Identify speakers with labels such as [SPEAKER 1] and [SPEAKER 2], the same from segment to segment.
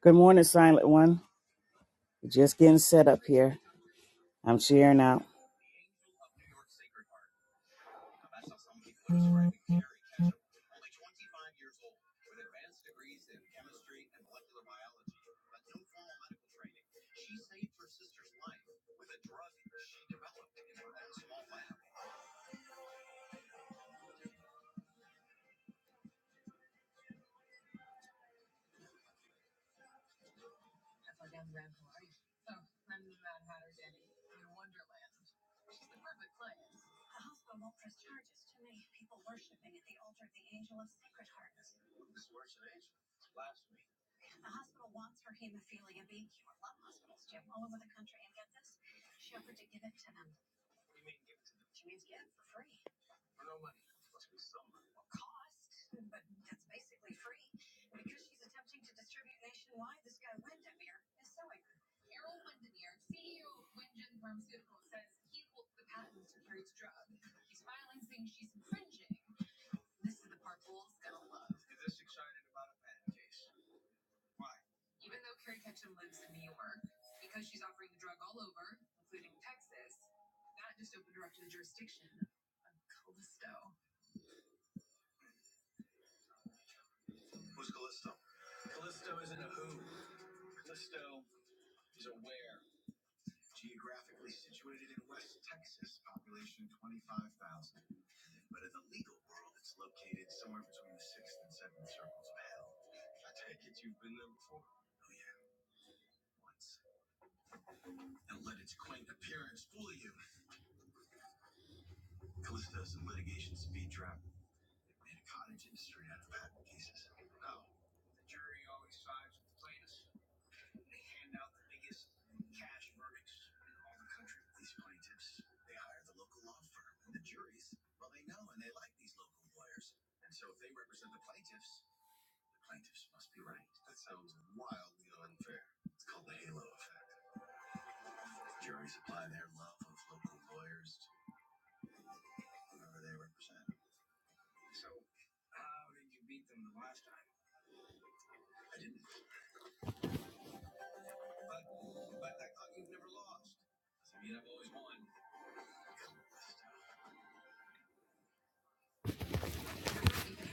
[SPEAKER 1] Good morning, Silent One. Just getting set up here. I'm sharing out.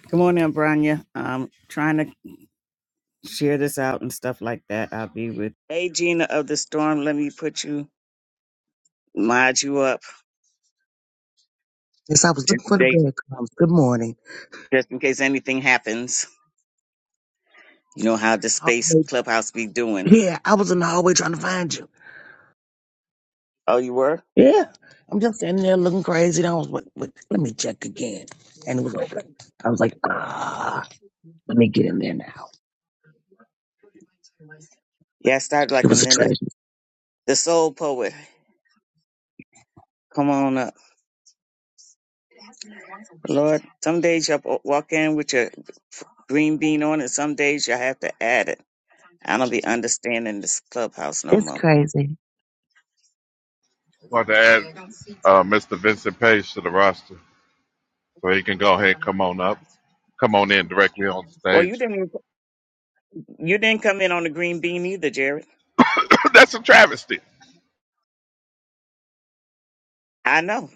[SPEAKER 1] Good morning, Branya. I'm trying to share this out and stuff like that. I'll be with. Hey, Gina of the Storm. Let me put you, mod you up
[SPEAKER 2] Yes, I was
[SPEAKER 1] just
[SPEAKER 2] looking
[SPEAKER 1] in
[SPEAKER 2] for the
[SPEAKER 1] case,
[SPEAKER 2] breadcrumbs. Good morning.
[SPEAKER 1] just in case anything happens. You know how the space
[SPEAKER 2] Hallway-
[SPEAKER 1] clubhouse be doing.
[SPEAKER 2] Yeah, I was in the hallway trying to find you.
[SPEAKER 1] Oh, you were?
[SPEAKER 2] Yeah, I'm just standing there looking crazy. And I was like, wait, let me check again. And it was open. I was like, ah, let me get in there now.
[SPEAKER 1] Yeah, I started
[SPEAKER 2] It
[SPEAKER 1] like a
[SPEAKER 2] was a
[SPEAKER 1] minute.
[SPEAKER 2] treasure.
[SPEAKER 1] The Soul Poet. Come on up. Lord, some days you will walk in with your green bean on, and some days you have to add it. I don't be understanding this clubhouse no
[SPEAKER 2] It's
[SPEAKER 1] more.
[SPEAKER 2] crazy.
[SPEAKER 3] want to add uh, Mr. Vincent Page to the roster so he can go ahead and come on up, come on in directly on
[SPEAKER 1] Well, you
[SPEAKER 3] stage.
[SPEAKER 1] didn't you didn't come in on the green bean either, Jared.
[SPEAKER 3] That's a travesty.
[SPEAKER 1] I know.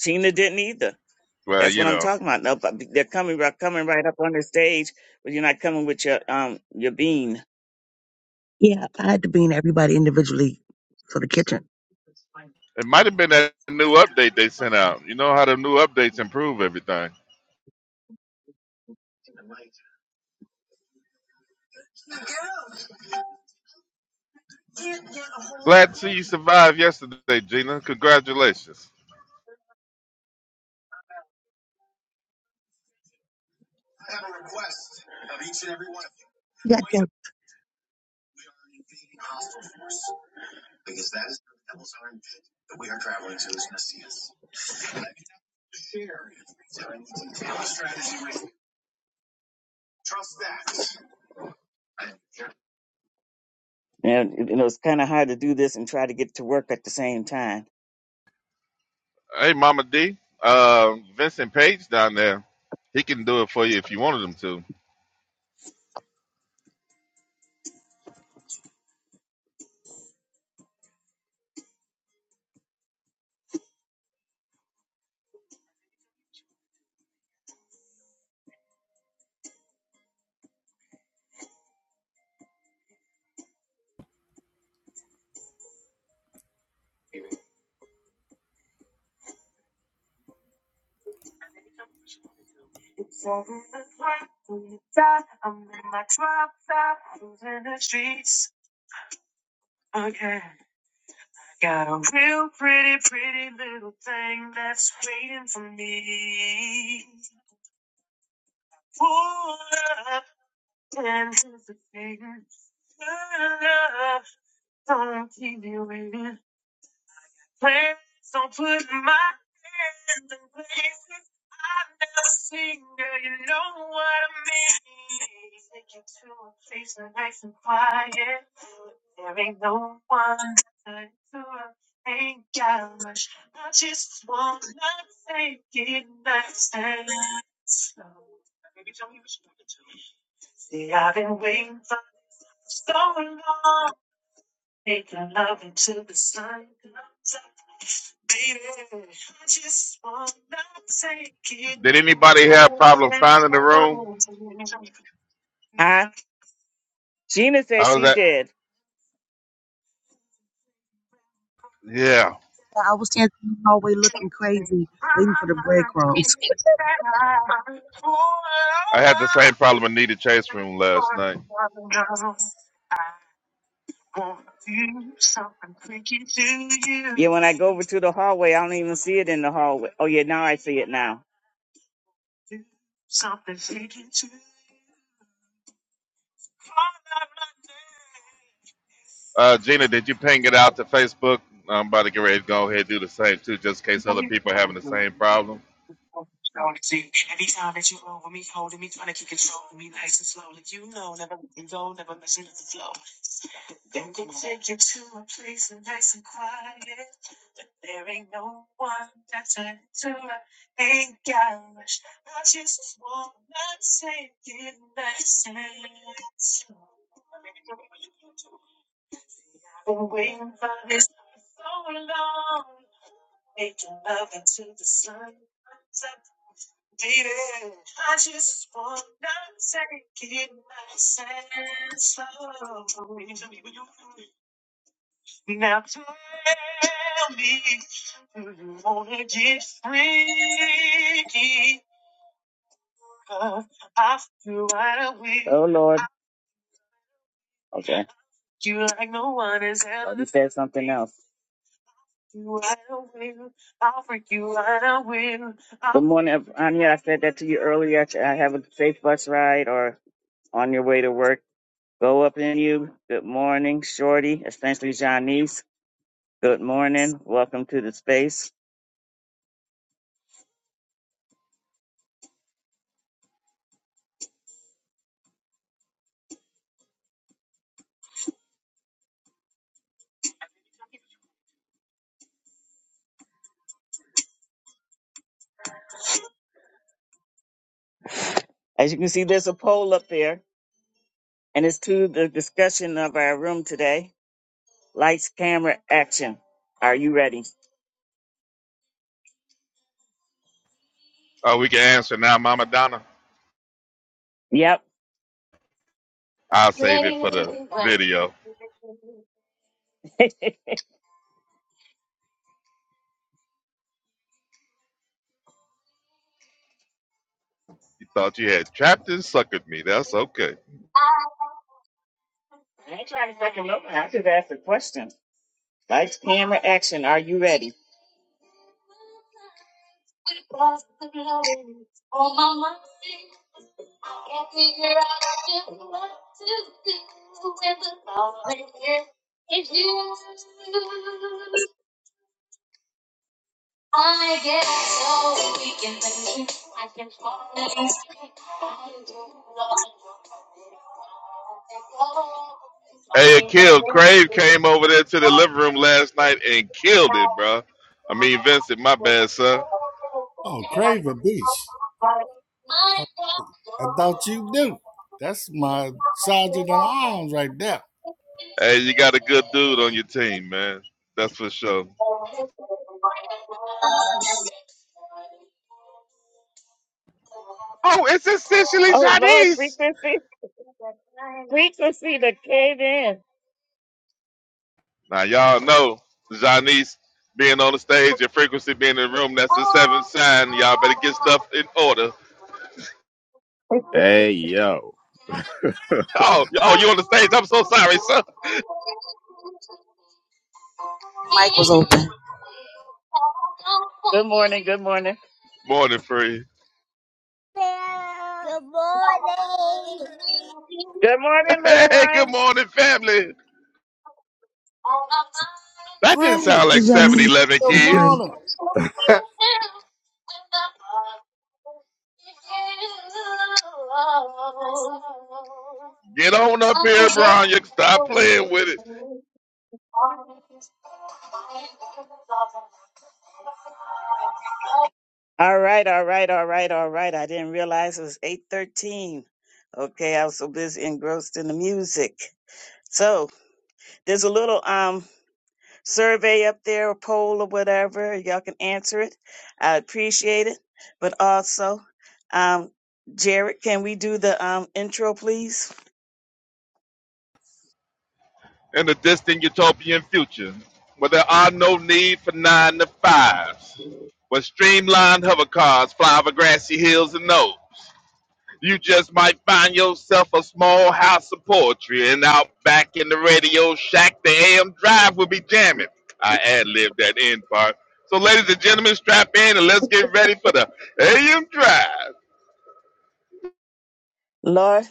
[SPEAKER 1] Tina didn't either.
[SPEAKER 3] Well,
[SPEAKER 1] That's
[SPEAKER 3] you
[SPEAKER 1] what I'm
[SPEAKER 3] know,
[SPEAKER 1] talking about. No, but they're coming right coming right up on the stage, but you're not coming with your um your bean.
[SPEAKER 2] Yeah, I had to bean everybody individually for the kitchen.
[SPEAKER 3] it might have been that new update they sent out. You know how the new updates improve everything. Glad to see you survived yesterday, Gina. Congratulations.
[SPEAKER 2] Yeah, yeah,
[SPEAKER 1] And you know it's kind of hard to do this and try to get to work at the same time.
[SPEAKER 3] Hey, Mama D. Uh, Vincent Page down there. He can do it for you if you wanted him to. Did anybody have problem finding the room?
[SPEAKER 1] Huh? Gina said
[SPEAKER 3] I
[SPEAKER 1] she
[SPEAKER 3] was at,
[SPEAKER 1] did.
[SPEAKER 3] yeah,
[SPEAKER 2] I was standing in the hallway looking crazy, waiting for the breadcrumbs.
[SPEAKER 3] I had the same problem in Nita Chase room last night.
[SPEAKER 1] Wanna do something freaky to you. Yeah, when I go over to the hallway, I don't even see it in the hallway. Oh yeah, now I see it now.
[SPEAKER 3] Uh, Gina, did you ping it out to Facebook? I'm about to get ready to go ahead and do the same too, just in case other people are having the same problem.
[SPEAKER 1] Off to right away. Oh Lord. Okay. You like no one is Oh, you said something else. Good morning, Ev- Anya. I said that to you earlier. I have a safe bus ride or on your way to work. Go up in you. Good morning, Shorty. Essentially, Janice. Good morning. Welcome to the space. As you can see, there's a poll up there, and it's to the discussion of our room today. Lights, camera, action. Are you ready?
[SPEAKER 3] Oh, we can answer now, Mama Donna.
[SPEAKER 1] Yep.
[SPEAKER 3] I'll save it for the
[SPEAKER 1] Ready.
[SPEAKER 3] video. You thought you had trapped and suckered me. That's okay.
[SPEAKER 1] I ain't trying to fuck him up. I just asked a question. Lights, camera, action. Are you ready? I get so weak in the knee, I can hardly speak. I do not want. to be gone.
[SPEAKER 3] Hey, it killed. Crave came over there to the living room last night and killed it, bro. I mean, Vincent, my bad, sir.
[SPEAKER 4] Oh,
[SPEAKER 1] I'm
[SPEAKER 4] Craven Beast.
[SPEAKER 1] talking my
[SPEAKER 4] I, I thought you knew. That's my sergeant at arms right there.
[SPEAKER 3] Hey, you got a good dude on your
[SPEAKER 1] doctor.
[SPEAKER 3] team, man. That's for sure.
[SPEAKER 1] Oh
[SPEAKER 3] Oh, it's essentially
[SPEAKER 1] Lord,
[SPEAKER 3] Chinese.
[SPEAKER 1] frequency, frequency to cave in.
[SPEAKER 3] Now y'all know Janice being on the stage and frequency being in the room, that's the seventh sign. Y'all better get stuff in order.
[SPEAKER 5] Hey yo.
[SPEAKER 3] Oh, oh, you on the stage. I'm so sorry, sir.
[SPEAKER 6] mic was open.
[SPEAKER 1] Good morning, good morning.
[SPEAKER 3] Morning free.
[SPEAKER 5] Good morning.
[SPEAKER 1] Good morning, little
[SPEAKER 3] Hey, good
[SPEAKER 1] ones.
[SPEAKER 3] morning, family. That didn't sound
[SPEAKER 4] Freddie,
[SPEAKER 3] like 7-Eleven
[SPEAKER 4] good
[SPEAKER 2] Janine,
[SPEAKER 3] kids.
[SPEAKER 4] morning.
[SPEAKER 5] All
[SPEAKER 3] Get on up
[SPEAKER 1] I
[SPEAKER 3] here,
[SPEAKER 1] get
[SPEAKER 3] Brown. You stop playing
[SPEAKER 1] old.
[SPEAKER 3] with it.
[SPEAKER 1] All right, all right, all right, all right. I didn't realize it was 8:13. Okay, I was so busy engrossed in the music. So, there's a little um survey up there, a poll or whatever. Y'all can answer it. I appreciate it. But also, um, Jared, can we do the um, intro, please?
[SPEAKER 3] In the distant utopian future, where there are no need for nine to fives. Where streamlined hover cars fly over grassy hills and no. You just might find yourself a small house of poetry, and out back in the radio shack, the AM drive will be jamming. I ad libbed that end part. So, ladies and gentlemen, strap in and let's get ready for the AM drive.
[SPEAKER 1] Laura,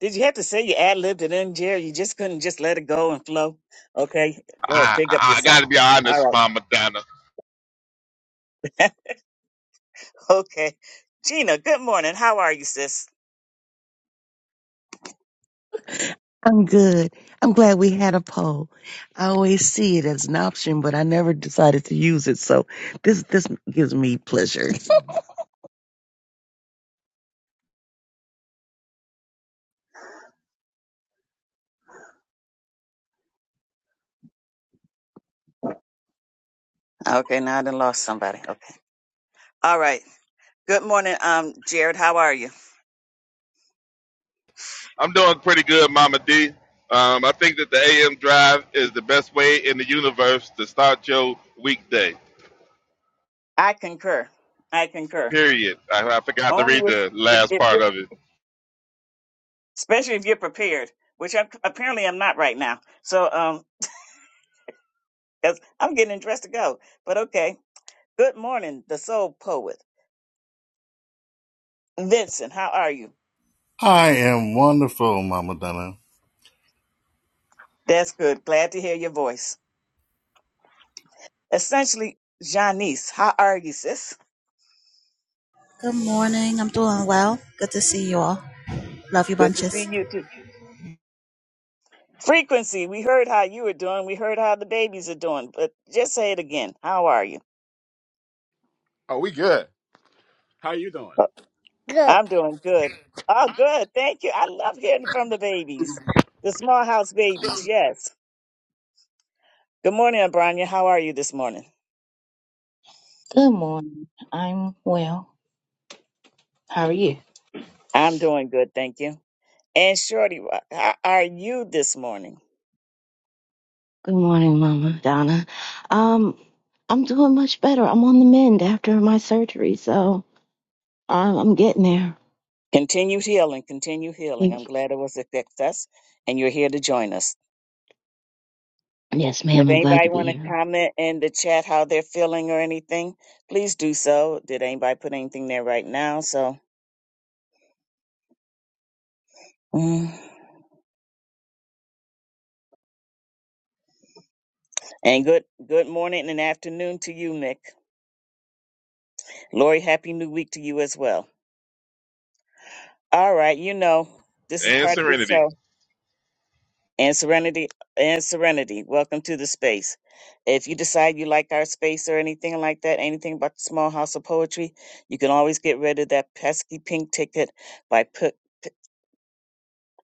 [SPEAKER 1] did you have to say you ad libbed it in, Jared? You just couldn't just let it go and flow. Okay, Lord,
[SPEAKER 3] I,
[SPEAKER 1] pick up
[SPEAKER 3] I
[SPEAKER 1] yourself.
[SPEAKER 3] gotta be
[SPEAKER 1] All
[SPEAKER 3] honest,
[SPEAKER 1] right.
[SPEAKER 3] Mama Donna.
[SPEAKER 1] Okay, Gina. Good morning. How are you, sis?
[SPEAKER 2] I'm good. I'm glad we had a poll. I always see it as an option, but I never decided to use it. So this this gives me pleasure.
[SPEAKER 1] Okay, now I done lost somebody. Okay. All right. Good morning, um, Jared. How are you?
[SPEAKER 3] I'm doing pretty good, Mama D. Um, I think that the AM drive is the best way in the universe to start your weekday.
[SPEAKER 1] I concur. I concur.
[SPEAKER 3] Period. I, I forgot to read
[SPEAKER 1] Only if,
[SPEAKER 3] the last
[SPEAKER 1] if,
[SPEAKER 3] part
[SPEAKER 1] if
[SPEAKER 3] of it.
[SPEAKER 1] especially if you're prepared, which I'm, apparently I'm not right now. So, um, 'cause I'm getting dressed to go. But okay. Good morning, the soul poet, Vincent. How are you?
[SPEAKER 4] I am wonderful, Mama Donna.
[SPEAKER 1] That's good. Glad to hear your voice. Essentially, Janice. How are you, sis?
[SPEAKER 6] Good morning. I'm doing well. Good to see you all. Love you
[SPEAKER 1] Good to see
[SPEAKER 6] bunches.
[SPEAKER 1] you too. Frequency. We heard how you were doing. We heard how the babies are doing. But just say it again. How are you? I'm doing good. Oh, good. Thank you. I love hearing from the babies, the small house babies. Yes. Good morning, Abranya. How are you this morning?
[SPEAKER 7] Good morning. I'm well. How are you?
[SPEAKER 1] I'm doing good. Thank you. And Shorty, how are you this morning?
[SPEAKER 8] Good morning, Mama Donna. Um, I'm doing much better. I'm on the mend after my surgery, so I'm, I'm getting there.
[SPEAKER 1] Continued healing, continued healing.
[SPEAKER 8] Thank
[SPEAKER 1] I'm
[SPEAKER 8] you.
[SPEAKER 1] glad it was a success and you're here to join us.
[SPEAKER 8] Yes,
[SPEAKER 1] And
[SPEAKER 8] ma'am.
[SPEAKER 1] if
[SPEAKER 8] I'm glad to
[SPEAKER 1] anybody
[SPEAKER 8] be
[SPEAKER 1] want to
[SPEAKER 8] here.
[SPEAKER 1] comment in the chat how they're feeling or anything, please do so. Did anybody put anything there right now? So, mm. and good good morning and afternoon to you, Mick. Lori, happy new week to you as well. All right, you know, this is
[SPEAKER 3] And
[SPEAKER 1] part of the
[SPEAKER 3] Serenity.
[SPEAKER 1] show. And Serenity and Serenity, welcome to the space. If you decide you like our space or anything like that, anything about the small house of poetry, you can always get rid of that pesky pink ticket by put p-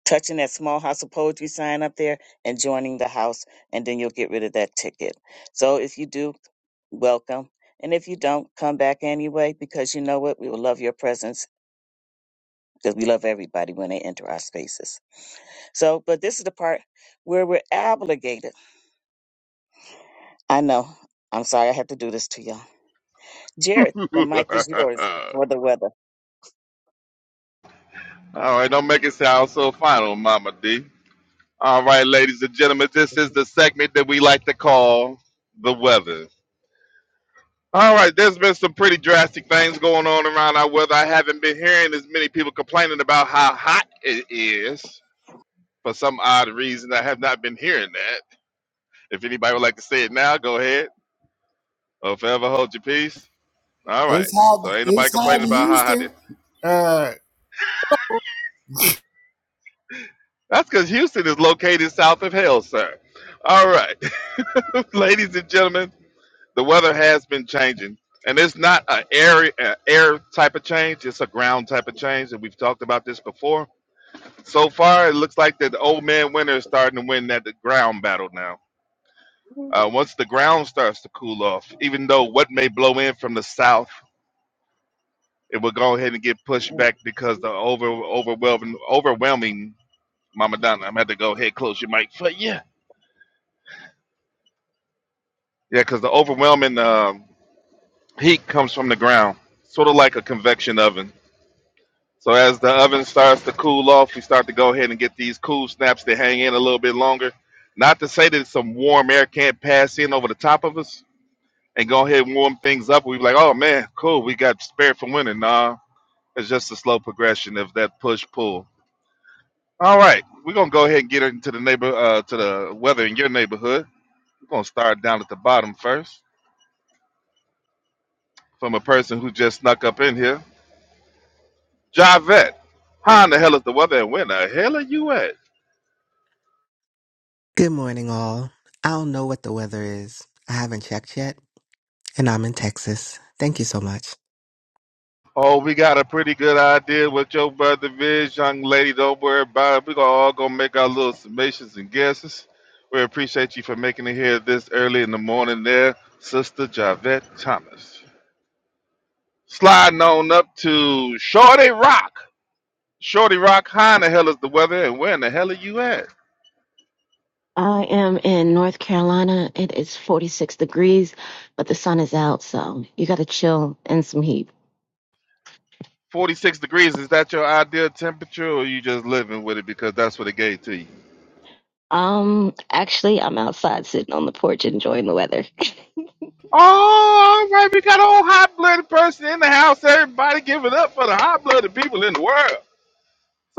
[SPEAKER 1] touching that small house of poetry sign up there and joining the house and then you'll get rid of that ticket. So if you do, welcome. And if you don't, come back anyway because you know what? We will love your presence because we love everybody when they enter our spaces. So, but this is the part where we're obligated. I know. I'm sorry I have to do this to y'all. Jared, the mic is yours for the weather.
[SPEAKER 3] All right, don't make it sound so final, Mama D. All right, ladies and gentlemen, this is the segment that we like to call the weather. All right, there's been some pretty drastic things going on around our weather. I haven't been hearing as many people complaining about how hot it is. For some odd reason, I have not been hearing that. If anybody would like to say it now, go ahead. Or forever hold your peace. All right.
[SPEAKER 4] It's hot.
[SPEAKER 3] So ain't nobody
[SPEAKER 4] It's hot
[SPEAKER 3] complaining
[SPEAKER 4] in
[SPEAKER 3] about how hot it is.
[SPEAKER 4] Houston. Uh,
[SPEAKER 3] That's because Houston is located south of hell, sir. All right. Ladies and gentlemen, the weather has been changing, and it's not an air a air type of change; it's a ground type of change, and we've talked about this before. So far, it looks like that the old man winter is starting to win that the ground battle now. Uh, once the ground starts to cool off, even though what may blow in from the south, it will go ahead and get pushed back because the over overwhelming overwhelming Mama Donna, I'm had to go ahead close your mic But yeah, yeah, because the overwhelming um heat comes from the ground, sort of like a convection oven So as the oven starts to cool off, we start to go ahead and get these cool snaps to hang in a little bit longer. Not to say that some warm air can't pass in over the top of us and go ahead and warm things up. We be like, oh man, cool, we got spared from winning. Nah, it's just a slow progression of that push pull. All right, we're gonna go ahead and get into the neighbor uh, to the weather in your neighborhood. We're gonna start down at the bottom first from a person who just snuck up in here, Javette. How in the hell is the weather and where the hell are you at?
[SPEAKER 9] Good morning, all. I don't know what the weather is. I haven't checked yet, and I'm in Texas. Thank you so much.
[SPEAKER 3] Oh, we got a pretty good idea what your brother is, young lady. Don't worry about it. We're gonna all gonna make our little summations and guesses. We appreciate you for making it here this early in the morning there, Sister Javette Thomas. Sliding on up to Shorty Rock. Shorty Rock, how in the hell is the weather and where in the hell are you at?
[SPEAKER 8] I am in North Carolina. It is 46 degrees, but the sun is out, so you got to chill in some heat.
[SPEAKER 3] 46 degrees, is that your ideal temperature or you just living with it because that's what it gave to you?
[SPEAKER 8] Um, actually, I'm outside sitting on the porch enjoying the weather.
[SPEAKER 3] Oh, I like, we got a whole hot blooded person in the house. Everybody giving up for the hot blooded people in the world.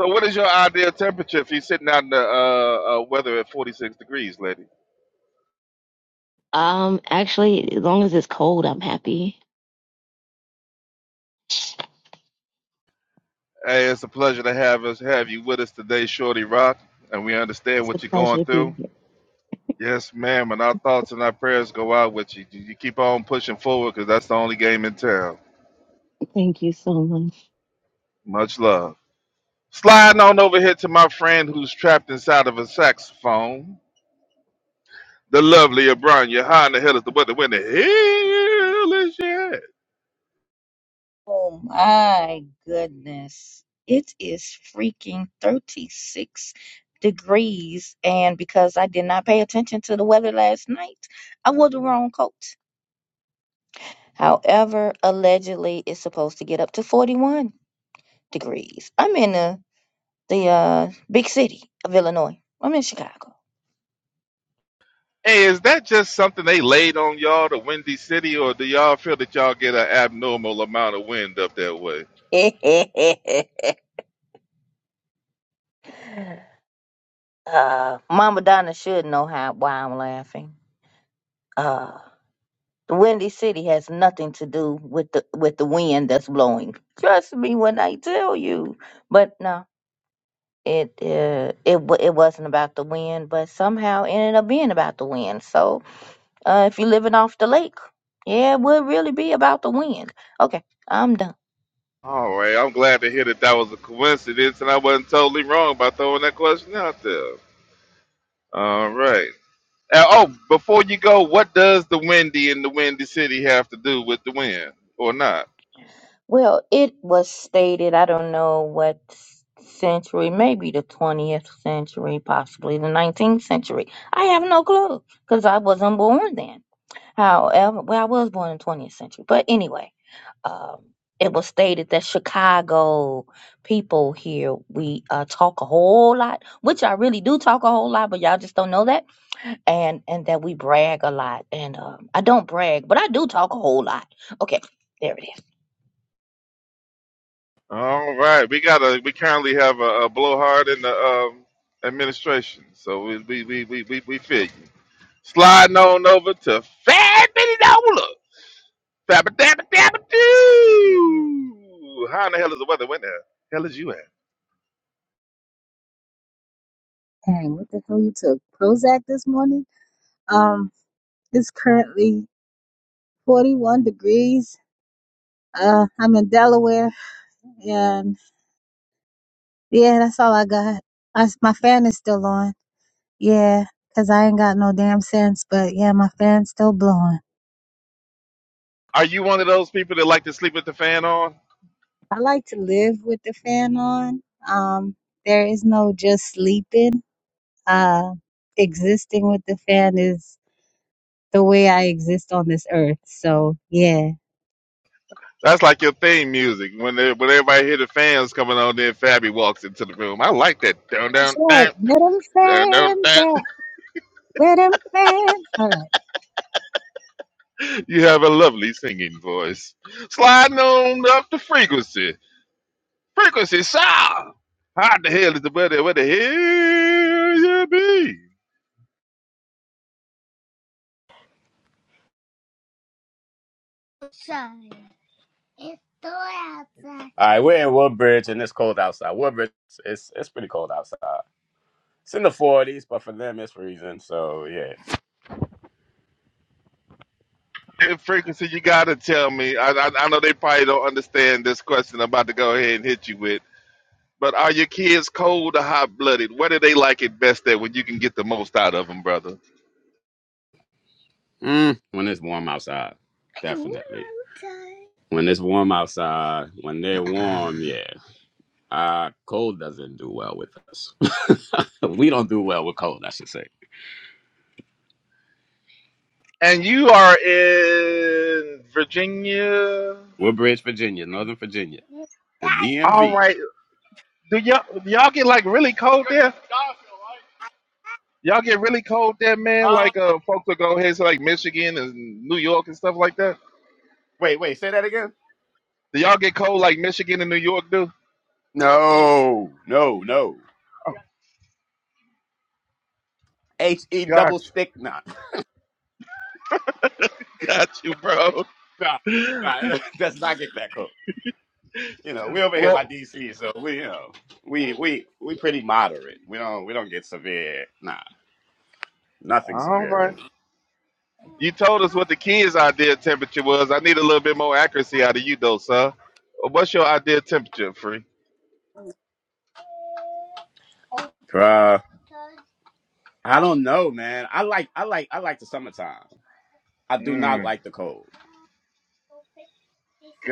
[SPEAKER 3] So, what is your ideal temperature if you're sitting out in the uh, uh, weather at 46 degrees, lady?
[SPEAKER 8] Um, actually, as long as it's cold, I'm happy.
[SPEAKER 3] Hey, it's a pleasure to have us have you with us today, Shorty Rock, and we understand
[SPEAKER 8] It's a
[SPEAKER 3] what you're
[SPEAKER 8] pleasure
[SPEAKER 3] going
[SPEAKER 8] to
[SPEAKER 3] through.
[SPEAKER 8] be here.
[SPEAKER 3] Yes, ma'am, and our thoughts and our prayers go out with you. You you keep on pushing forward because that's the only game in town.
[SPEAKER 8] Thank you so much.
[SPEAKER 3] Much love. Sliding on over here to my friend who's trapped inside of a saxophone. the lovely O'Brien. You're high in the hell is the weather. When the hell is she at?
[SPEAKER 7] Oh my goodness. It is freaking 36 degrees. And because I did not pay attention to the weather last night, I wore the wrong coat. However, allegedly it's supposed to get up to 41 degrees. I'm in the, the uh, big city of Illinois. I'm in Chicago.
[SPEAKER 3] Hey, is that just something they laid on y'all, the Windy City, or do y'all feel that y'all get an abnormal amount of wind up that way?
[SPEAKER 7] uh, Mama Donna should know how why I'm laughing. Uh. The windy city has nothing to do with the with the wind that's blowing. Trust me when I tell you. But no, it uh, it wa- it wasn't about the wind, but somehow it ended up being about the wind. So uh, if you're living off the lake, yeah, it would really be about the wind. Okay, I'm done.
[SPEAKER 3] All right, I'm glad to hear that that was a coincidence and I wasn't totally wrong by throwing that question out there. All right. Uh, oh, before you go, what does the Windy in the Windy City have to do with the wind or not?
[SPEAKER 7] Well, it was stated. I don't know what s- century, maybe the 20th century, possibly the 19th century. I have no clue because I wasn't born then However, well, I was born in the 20th century, but anyway, um, it was stated that Chicago people here we uh, talk a whole lot, which I really do talk a whole lot, but y'all just don't know that, and and that we brag a lot, and um, I don't brag, but I do talk a whole lot. Okay, there it is.
[SPEAKER 3] All right, we got a we currently have a, a blowhard in the um, administration, so we we we we we, we feel you. Sliding on over to Fat Billy Dollar, Fabba Dabba Dabba Doo. How in the hell is the weather? When the hell is you at?
[SPEAKER 10] Dang, what the hell you took? Prozac this morning? Um, it's currently 41 degrees. Uh, I'm in Delaware, and yeah, that's all I got. I my fan is still on. Yeah, 'cause I ain't got no damn sense, but yeah, my fan's still blowing.
[SPEAKER 3] Are you one of those people that like to sleep with the fan on?
[SPEAKER 10] I like to live with the fan on. Um, there is no just sleeping. Uh, existing with the fan is the way I exist on this earth. So yeah.
[SPEAKER 3] That's like your theme music when they, when everybody hear the fans coming on, then Fabby walks into the room. I like that. Down
[SPEAKER 10] That's
[SPEAKER 3] down
[SPEAKER 10] right. Middle
[SPEAKER 3] And on
[SPEAKER 10] fans.
[SPEAKER 3] that,
[SPEAKER 10] yeah. Let him plan. All right.
[SPEAKER 3] you have a lovely singing voice. Sliding on up to frequency. Frequency, sir. How the hell is the weather? Where the hell you be?
[SPEAKER 5] right, we're in Woodbridge and it's cold outside. Woodbridge, it's it's pretty cold outside. It's in the forties, but for them it's freezing. So yeah.
[SPEAKER 3] In frequency, you gotta tell me. I, I, I know they probably don't understand this question I'm about to go ahead and hit you with. But are your kids cold or hot blooded? Where do they like it best at when you can get the most out of them, brother?
[SPEAKER 5] Mm, when it's warm outside, definitely. When it's warm outside, when they're warm, yeah. Uh, cold doesn't do well with us. we don't do well with cold, I should say.
[SPEAKER 3] And you are in Virginia.
[SPEAKER 5] Woodbridge, Virginia, Northern Virginia, the
[SPEAKER 3] All
[SPEAKER 5] DMV.
[SPEAKER 3] right. Do y'all do y'all get like really cold there? Y'all get really cold there, man.
[SPEAKER 5] Uh,
[SPEAKER 3] Like uh, folks will go ahead to like Michigan and New York and stuff like that.
[SPEAKER 5] wait, wait, say that again.
[SPEAKER 3] Do y'all get cold like Michigan and New York do?
[SPEAKER 5] No, no, no. H E double
[SPEAKER 3] Got
[SPEAKER 5] stick knot.
[SPEAKER 3] you, got you, bro.
[SPEAKER 5] Nah, nah, let's not get that cooked. You know, we over here by
[SPEAKER 3] Well,
[SPEAKER 5] DC, so we you know we we we pretty moderate. We don't we don't get severe. Nah, nothing
[SPEAKER 3] all
[SPEAKER 5] severe
[SPEAKER 3] right.
[SPEAKER 5] really.
[SPEAKER 3] You told us what the kids' ideal temperature was. I need a little bit more accuracy out of you, though, sir. What's your ideal temperature, free?
[SPEAKER 5] Bruh. I don't know, man. I like I like I like the summertime. I do not
[SPEAKER 3] Mm,
[SPEAKER 5] like the cold.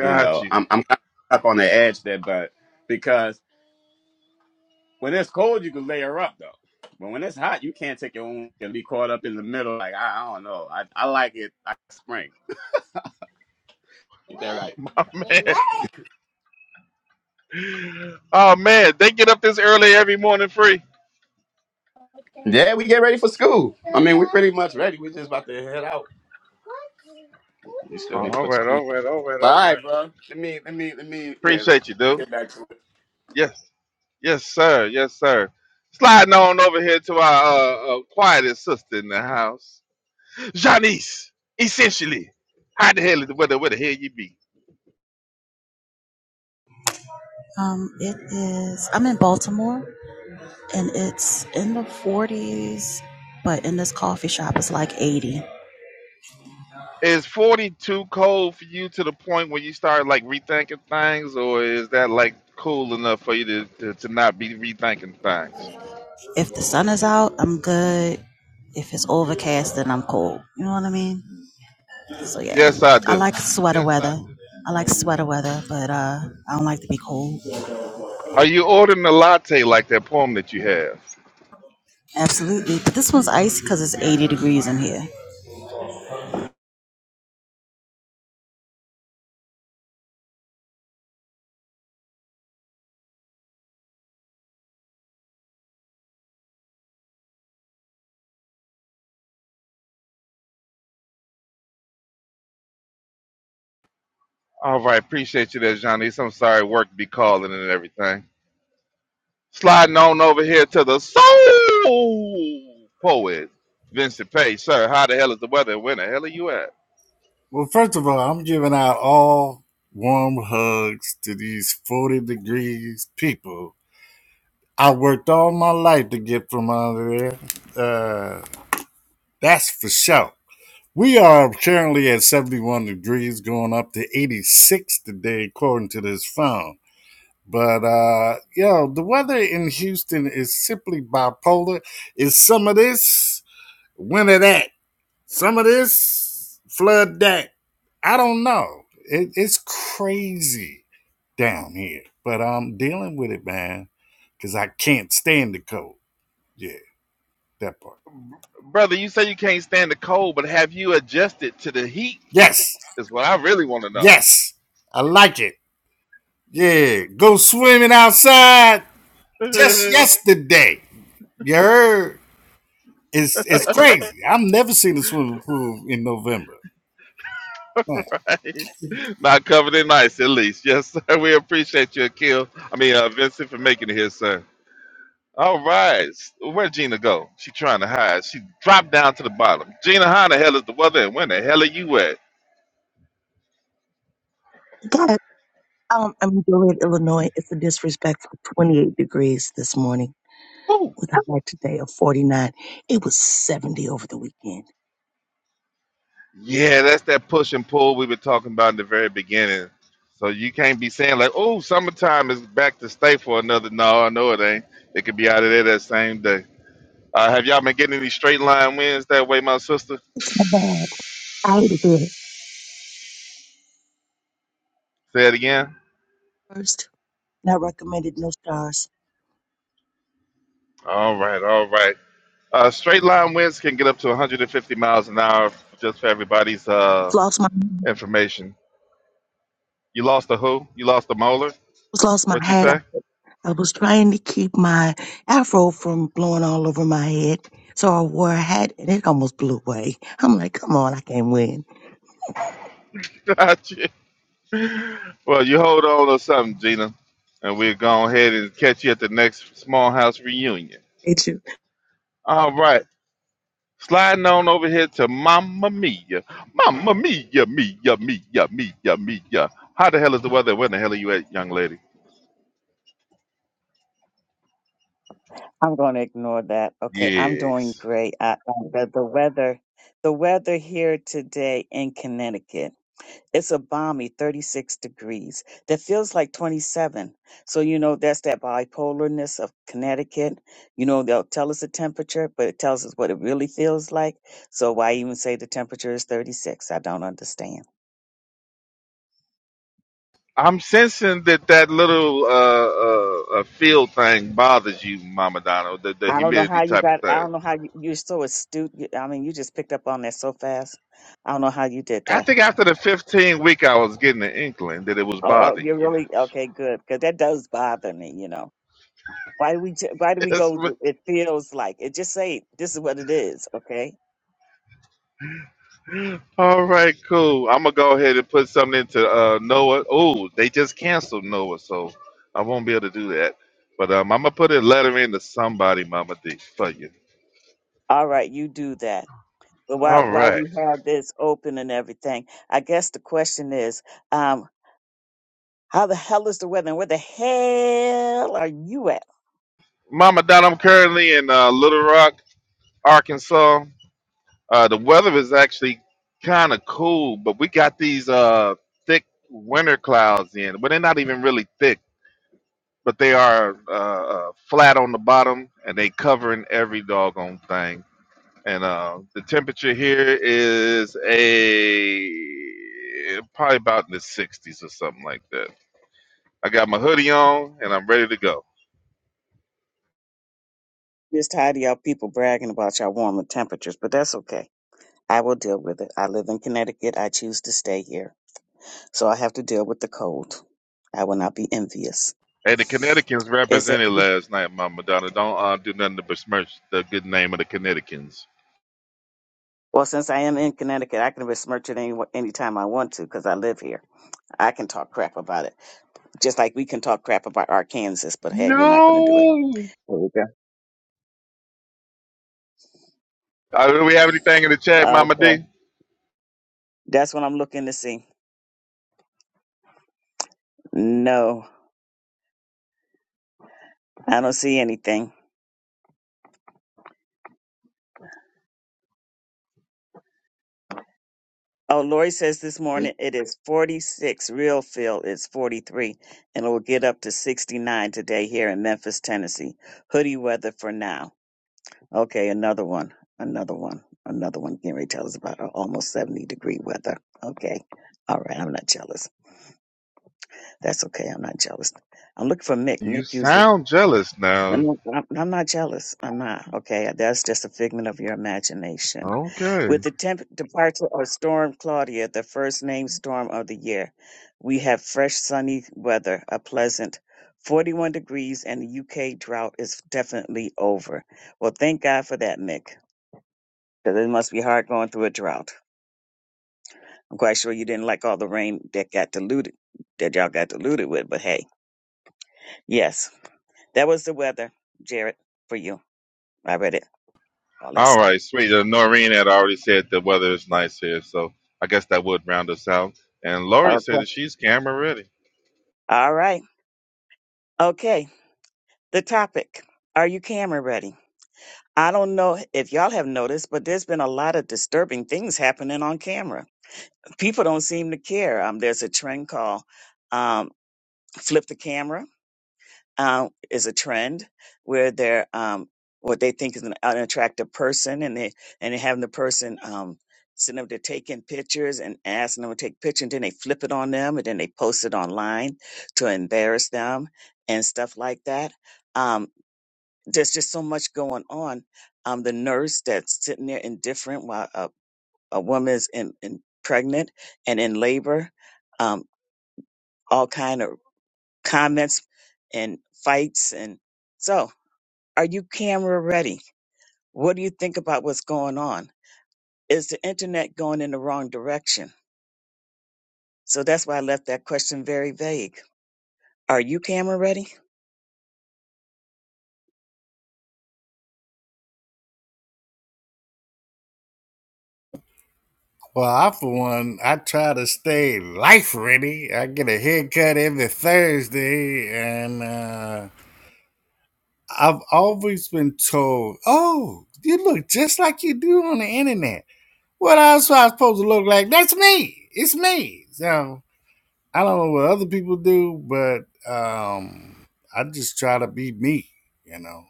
[SPEAKER 5] You know,
[SPEAKER 3] you,
[SPEAKER 5] I'm I'm kind of stuck on the edge there, but because When it's cold, you can layer up though. But when it's hot, you can't take your own and be caught up in the middle. Like I, I don't know. I, I like it I like spring. Ain't that right?
[SPEAKER 3] my man. Oh man, they get up this early every morning, free.
[SPEAKER 5] Yeah, we get ready for school. I mean, we're pretty much ready. We just about to head out. We
[SPEAKER 3] Oh,
[SPEAKER 5] still need to
[SPEAKER 3] all
[SPEAKER 5] put.
[SPEAKER 3] right, all right, all right,
[SPEAKER 5] But
[SPEAKER 3] all
[SPEAKER 5] all
[SPEAKER 3] right.
[SPEAKER 5] right, bro. Let me, let me, let me. Yeah, let
[SPEAKER 3] Appreciate you,
[SPEAKER 5] me
[SPEAKER 3] dude.
[SPEAKER 5] get back to it.
[SPEAKER 3] Yes. Yes, sir. Yes, sir. Sliding on over here to our uh, uh, quietest sister in the house, Janice. Essentially, how the hell is where the where the hell you be?
[SPEAKER 6] Um, it is. I'm in Baltimore, and it's in the 40s, but in this coffee shop, it's like 80.
[SPEAKER 3] Is forty too cold for you to the point where you start like rethinking things, or is that like cool enough for you to to, to not be rethinking things?
[SPEAKER 6] If the sun is out, I'm good. If it's overcast, then I'm cold. You know what I mean? So yeah,
[SPEAKER 3] Yes, I
[SPEAKER 6] I
[SPEAKER 3] do.
[SPEAKER 6] like sweater weather. I like sweater weather, but uh, I don't like to be cold.
[SPEAKER 3] Are you ordering a latte like that poem that you have?
[SPEAKER 6] Absolutely, but this one's icy because it's 80 degrees in here.
[SPEAKER 3] All right, appreciate you there, Janice. I'm sorry, work be calling and everything. Sliding on over here to the soul poet, Vincent Page. Sir, how the hell is the weather? Where the hell are you at?
[SPEAKER 4] well, first of all, I'm giving out all warm hugs to these 40 degrees people. I worked all my life to get from under there. Uh, that's for sure. We are currently at 71 degrees, going up to 86 today, according to this phone. But uh, yo, the weather in Houston is simply bipolar. It's some of this, winter that. Some of this, flood that. I don't know. It, it's crazy down here, but I'm dealing with it, man, because I can't stand the cold. Yeah, that part.
[SPEAKER 3] Brother, you say you can't stand the cold, but have you adjusted to the heat?
[SPEAKER 4] Yes,
[SPEAKER 3] Is what I really want to know.
[SPEAKER 4] yes, I like it. Yeah, go swimming outside just yesterday. You heard? It's it's crazy. I've never seen a swimming pool in November. Man.
[SPEAKER 3] right. Not covered in ice, at least. Yes, sir. We appreciate you, Akil. I mean, uh, Vincent, for making it here, sir. All right. Where'd Gina go? She trying to hide. She dropped down to the bottom. Gina, how the hell is the weather and when the hell are you at?
[SPEAKER 2] God, um, I'm in Gillette, Illinois. It's a disrespectful 28 degrees this morning
[SPEAKER 3] Woo.
[SPEAKER 2] with a high today of 49. It was 70 over the weekend.
[SPEAKER 3] Yeah, that's that push and pull we were talking about in the very beginning. So you can't be saying like, "Oh, summertime is back to stay for another." No, I know it ain't. It could be out of there that same day. Uh, have y'all been getting any straight line wins that way, my sister?
[SPEAKER 2] It's not bad. I ate it good.
[SPEAKER 3] Say it again.
[SPEAKER 2] First, and I recommended no stars.
[SPEAKER 3] All right, all right. Uh, straight line winds can get up to 150 miles an hour. Just for everybody's uh,
[SPEAKER 2] Floss my.
[SPEAKER 3] information. You lost a who? You lost a molar?
[SPEAKER 2] almost lost my
[SPEAKER 3] What you
[SPEAKER 2] hat.
[SPEAKER 3] say?
[SPEAKER 2] I, I was trying to keep my afro from blowing all over my head. So I wore a hat and it almost blew away. I'm like, come on, I can't win.
[SPEAKER 3] Well, you hold on to something, Gina, and we'll go ahead and catch you at the next small house reunion.
[SPEAKER 2] It's you.
[SPEAKER 3] All right. Sliding on over here to Mamma Mia. Mamma Mia, Mia, Mia, Mia, Mia. How the hell is the weather? Where the hell are you at, young lady?
[SPEAKER 1] I'm going to ignore that. Okay, I'm doing
[SPEAKER 3] Yes.
[SPEAKER 1] great. I, the, the weather, the weather here today in Connecticut. It's a balmy 36 degrees that feels like 27. So, you know, that's that bipolarness of Connecticut. You know, they'll tell us the temperature, but it tells us what it really feels like. So, why even say the temperature is 36? I don't understand.
[SPEAKER 3] I'm sensing that that little uh, uh, uh, field thing bothers you, Mama Donna, the, the
[SPEAKER 1] I don't know
[SPEAKER 3] humidity
[SPEAKER 1] how you
[SPEAKER 3] type of
[SPEAKER 1] got, I
[SPEAKER 3] thing.
[SPEAKER 1] don't know how you, you're so astute. You- I mean, you just picked up on that so fast. I don't know how you did
[SPEAKER 3] I
[SPEAKER 1] that.
[SPEAKER 3] think after the 15 week, I was getting an inkling that it was
[SPEAKER 1] Oh, oh,
[SPEAKER 3] bothering
[SPEAKER 1] you're really okay. Good, because that does bother me. You know, why do we? ju- Why do we
[SPEAKER 3] you.
[SPEAKER 1] go? with- It feels like it. Just say this is what it is. Okay.
[SPEAKER 3] All right, cool. I'm gonna go ahead and put something into uh, Noah. Oh, they just canceled Noah, so I won't be able to do that. But um, I'm gonna put a letter into somebody, Mama D, for you.
[SPEAKER 1] All right, you do that. But while
[SPEAKER 3] All
[SPEAKER 1] while
[SPEAKER 3] right,
[SPEAKER 1] we have this open and everything, I guess the question is, um, how the hell is the weather? And where the hell are you at?
[SPEAKER 3] Mama Dot. I'm currently in uh, Little Rock, Arkansas. Uh, the weather is actually kind of cool, but we got these uh, thick winter clouds in. Well, they're not even really thick, but they are uh, uh, flat on the bottom, and they covering every doggone thing. and uh, the temperature here is a probably about in the 60s or something like that. I got my hoodie on and I'm ready to go.
[SPEAKER 1] Just tired of y'all people bragging about y'all warmer temperatures, but that's okay. I will deal with it. I live in Connecticut. I choose to stay here. So I have to deal with the cold. I will not be envious.
[SPEAKER 3] Hey, the Connecticutans
[SPEAKER 1] Is there,
[SPEAKER 3] represented last night, Mama Donna. Don't uh, do nothing to besmirch the good name of the Connecticutans.
[SPEAKER 1] well, since I am in Connecticut, I can besmirch it any, anytime I want to because I live here. I can talk crap about it. Just like we can talk crap about our Kansas, but hey, we're not going to do it.
[SPEAKER 3] No.
[SPEAKER 1] There we go.
[SPEAKER 3] Uh, do we have anything in the chat,
[SPEAKER 1] Uh,
[SPEAKER 3] Mama D?
[SPEAKER 1] so that's what I'm looking to see. No, I don't see anything. Oh, Lori says this morning it is 46. Real feel it's 43, and it will get up to 69 today here in Memphis, Tennessee. Hoodie weather for now. Okay, another one, another one, another one. Gary tell us about our almost 70 degree weather. Okay, all right. I'm not jealous. That's okay. I'm not jealous. I'm looking for Mick.
[SPEAKER 3] You
[SPEAKER 1] Mick usually.
[SPEAKER 3] sound jealous
[SPEAKER 1] I'm
[SPEAKER 3] now.
[SPEAKER 1] not, I'm not jealous. I'm not. Okay. That's just a figment of your imagination.
[SPEAKER 3] Okay.
[SPEAKER 1] With the temp departure of Storm Claudia, the first named storm of the year, we have fresh sunny weather, a pleasant 41 degrees, and the UK drought is definitely over. Well, thank God for that, Mick, because it must be hard going through a drought. I'm quite sure you didn't like all the rain that got diluted, that y'all got diluted with, but hey, yes, that was the weather, Jared, for you. I read it, all that
[SPEAKER 3] All
[SPEAKER 1] stuff.
[SPEAKER 3] right, sweet. Uh, Noreen had already said the weather is nice here, so I guess that would round us out. And Lori said
[SPEAKER 1] Okay.
[SPEAKER 3] that she's camera ready.
[SPEAKER 1] All right. Okay. The topic. Are you camera ready? I don't know if y'all have noticed, but there's been a lot of disturbing things happening on camera. People don't seem to care. Um, there's a trend called um, flip the camera. um, is a trend where they're um, what they think is an, an attractive person, and they and they having the person um, sitting up there taking pictures and asking them to take pictures, and then they flip it on them, and then they post it online to embarrass them and stuff like that. Um, there's just so much going on. Um, the nurse that's sitting there indifferent while a, a woman is in, in pregnant and in labor, um, all kind of comments and fights and so. Are you camera ready? What do you think about what's going on? Is the internet going in the wrong direction? So that's why I left that question very vague. Are you camera ready?
[SPEAKER 4] Well, I for one, I try to stay life ready. I get a haircut every Thursday, and uh, I've always been told, "Oh, you look just like you do on the internet." What else am I supposed to look like? That's me. It's me. So I don't know what other people do, but um, I just try to be me, you know.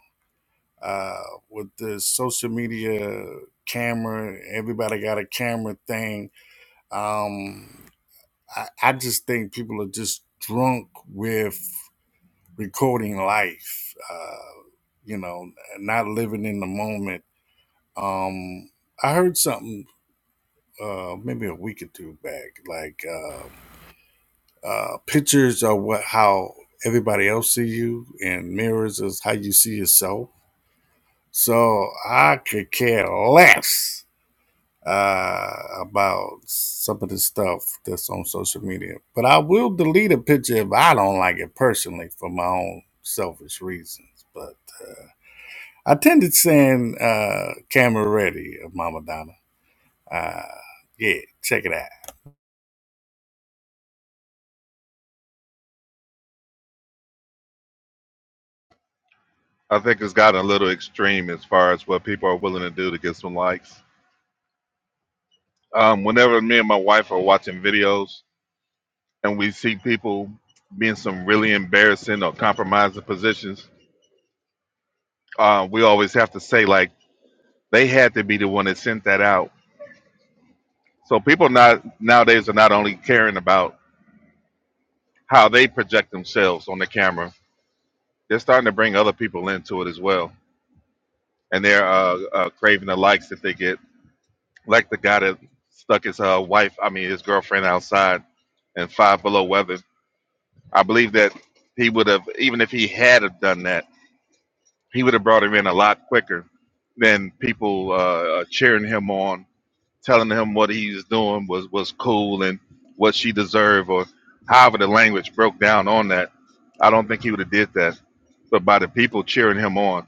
[SPEAKER 4] Uh, with the social media camera, everybody got a camera thing. Um, I, I just think people are just drunk with recording life, uh, you know, not living in the moment. Um, I heard something uh, maybe a week or two back, like. uh, Uh, pictures are what how everybody else see you, and mirrors is how you see yourself. So I could care less uh, about some of the stuff that's on social media, but I will delete a picture if I don't like it personally for my own selfish reasons. But I tended saying uh, "Camera Ready" of Mama Donna. Uh, yeah, check it out.
[SPEAKER 3] I think it's gotten a little extreme as far as what people are willing to do to get some likes. Um, whenever me and my wife are watching videos and we see people being some really embarrassing or compromising positions, uh, we always have to say like they had to be the one that sent that out. So people not nowadays are not only caring about how they project themselves on the camera, they're starting to bring other people into it as well, and they're uh, uh, craving the likes that they get, like the guy that stuck his uh, wife, I mean his girlfriend outside in five below weather. I believe that he would have, even if he had have done that, he would have brought him in a lot quicker than people uh, uh, cheering him on, telling him what he's doing was was cool and what she deserved, or however the language broke down on that. I don't think he would have did that, but by the people cheering him on.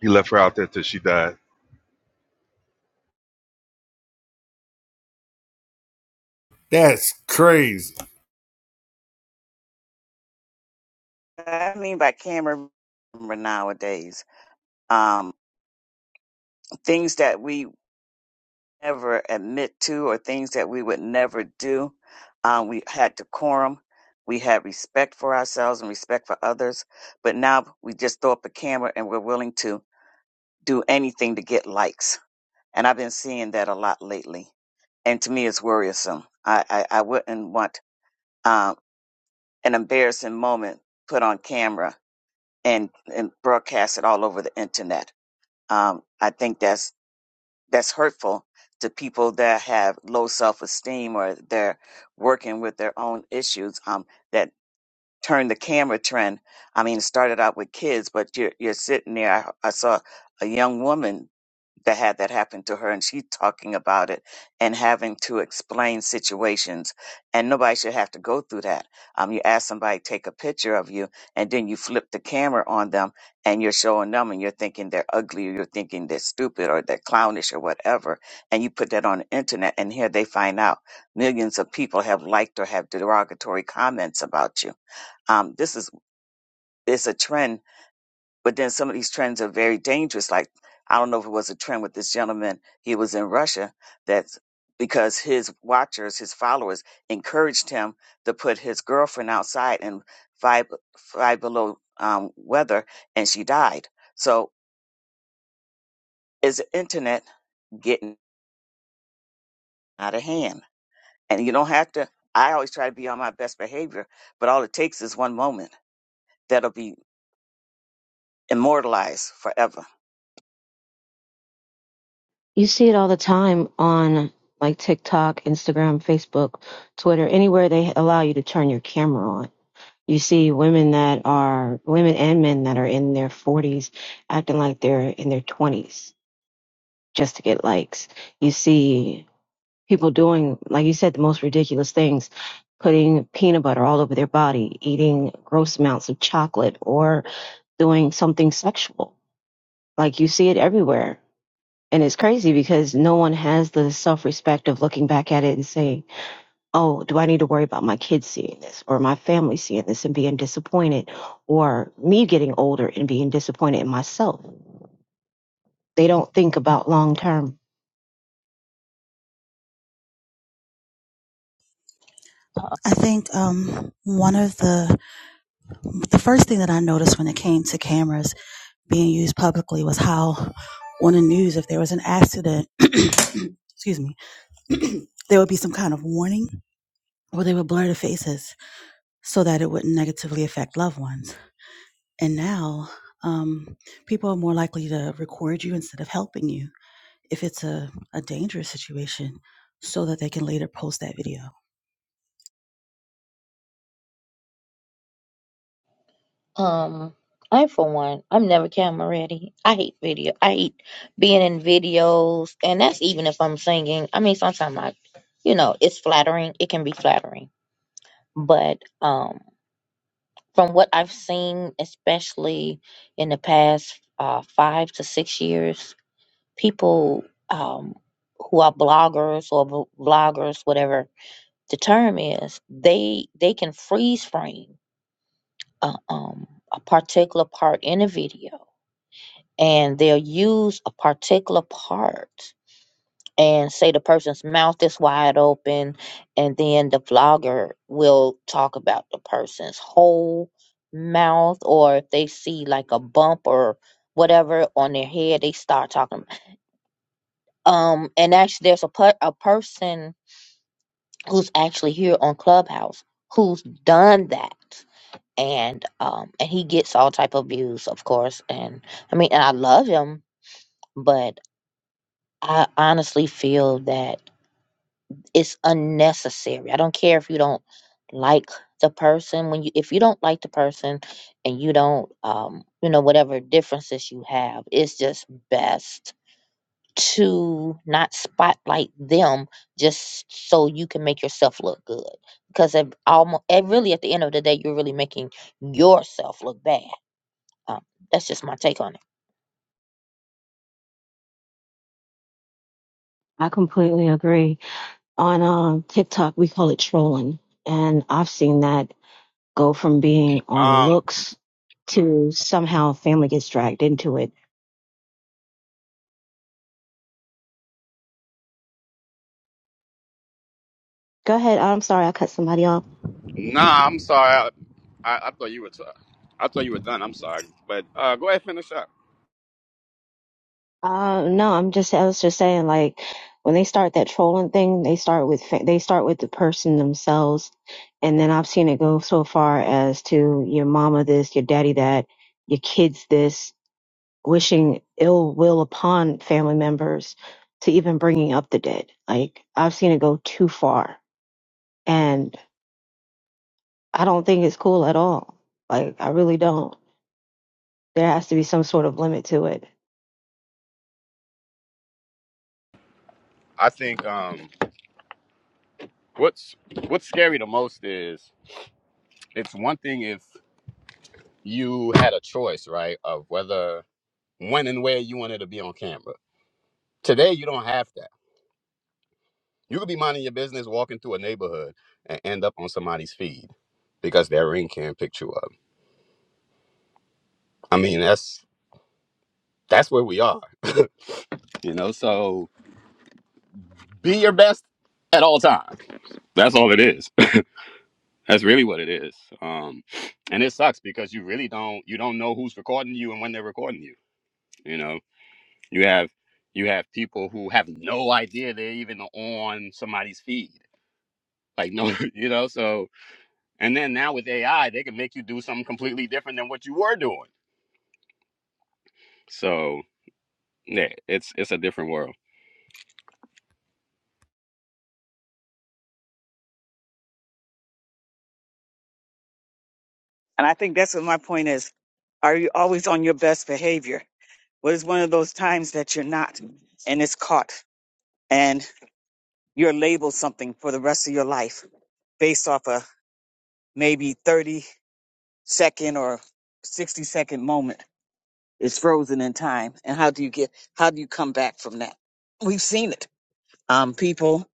[SPEAKER 3] He left her out there till she died.
[SPEAKER 4] That's crazy.
[SPEAKER 1] I mean by camera nowadays, um, things that we never admit to or things that we would never do. Um, we had decorum. We had respect for ourselves and respect for others. But now we just throw up a camera and we're willing to do anything to get likes. And I've been seeing that a lot lately. And to me, it's worrisome. I, I, I wouldn't want um, an embarrassing moment put on camera and, and broadcast it all over the internet um, I think that's that's hurtful to people that have low self esteem or they're working with their own issues. Um, that turned the camera trend. I mean, it started out with kids, but you're you're sitting there. I, I saw a young woman that had that happen to her, and she's talking about it and having to explain situations. And nobody should have to go through that. Um, you ask somebody to take a picture of you, and then you flip the camera on them, and you're showing them, and you're thinking they're ugly, or you're thinking they're stupid, or they're clownish, or whatever. And you put that on the internet, and here they find out millions of people have liked or have derogatory comments about you um, this is it's a trend, but then some of these trends are very dangerous. Like I don't know if it was a trend with this gentleman. He was in Russia that because his watchers, his followers, encouraged him to put his girlfriend outside in five five below um, weather, and she died. So is the internet getting out of hand? And you don't have to. I always try to be on my best behavior, but all it takes is one moment that'll be immortalized forever
[SPEAKER 8] You see it all the time on like TikTok, Instagram, Facebook, Twitter, anywhere they allow you to turn your camera on. You see women that are women and men that are in their 40s acting like they're in their 20s just to get likes. You see people doing, like you said, the most ridiculous things, putting peanut butter all over their body, eating gross amounts of chocolate or doing something sexual. Like you see it everywhere. And it's crazy because no one has the self respect of looking back at it and saying, oh, do I need to worry about my kids seeing this or my family seeing this and being disappointed or me getting older and being disappointed in myself? They don't think about long term.
[SPEAKER 7] Uh,
[SPEAKER 6] I think um, one of the the first thing that I noticed when it came to cameras being used publicly was how on the news, if there was an accident, excuse me, there would be some kind of warning or they would blur the faces so that it wouldn't negatively affect loved ones. And now, um, people are more likely to record you instead of helping you if it's a, a dangerous situation so that they can later post that video.
[SPEAKER 7] Um, I for one, I'm never camera ready. I hate video. I hate being in videos, and that's even if I'm singing. I mean, sometimes I, you know, it's flattering. It can be flattering, but um, from what I've seen, especially in the past uh, five to six years, people um who are bloggers or v- vloggers, whatever the term is, they they can freeze frame uh, um a particular part in a video and they'll use a particular part and say the person's mouth is wide open and then the vlogger will talk about the person's whole mouth or if they see like a bump or whatever on their head they start talking um and actually there's a per- a person who's actually here on clubhouse who's done that and um and he gets all type of views of course and i mean and i love him but. I honestly feel that it's unnecessary. I don't care if you don't like the person when you if you don't like the person and you don't um you know whatever differences you have, it's just best to not spotlight them just so you can make yourself look good because it almost it really at the end of the day you're really making yourself look bad. Um, that's just my take on it.
[SPEAKER 8] I completely agree. On um, TikTok, we call it trolling. And I've seen that go from being on
[SPEAKER 5] Um,
[SPEAKER 8] looks to somehow family gets dragged into it. Go ahead. I'm sorry, I cut somebody off.
[SPEAKER 5] nah, I'm sorry. I, I, I thought you were. T- I thought you were done. I'm sorry, but uh, go ahead, finish up.
[SPEAKER 8] Uh, no, I'm just, I was just saying, like, when they start that trolling thing, they start with, fa- they start with the person themselves. And then I've seen it go so far as to your mama this, your daddy that, your kids this, wishing ill will upon family members to even bringing up the dead. Like, I've seen it go too far. And I don't think it's cool at all. Like, I really don't. There has to be some sort of limit to it.
[SPEAKER 5] I think um, what's what's scary the most is it's one thing if you had a choice, right, of whether when and where you wanted to be on camera. Today, you don't have that. You could be minding your business, walking through a neighborhood, and end up on somebody's feed because their ring cam picked you up. I mean, that's that's where we are, you know. So be your best at all times. That's all it is. That's really what it is. Um, and it sucks because you really don't you don't know who's recording you and when they're recording you. You know, You have you have people who have no idea they're even on somebody's feed. Like no, you know, so and then now with AI, they can make you do something completely different than what you were doing. So yeah, it's it's a different world.
[SPEAKER 1] And I think that's what my point is. Are you always on your best behavior? What is one of those times that you're not and it's caught and you're labeled something for the rest of your life based off a maybe 30 second or 60 second moment? It's frozen in time. And how do you get, how do you come back from that? We've seen it. Um, people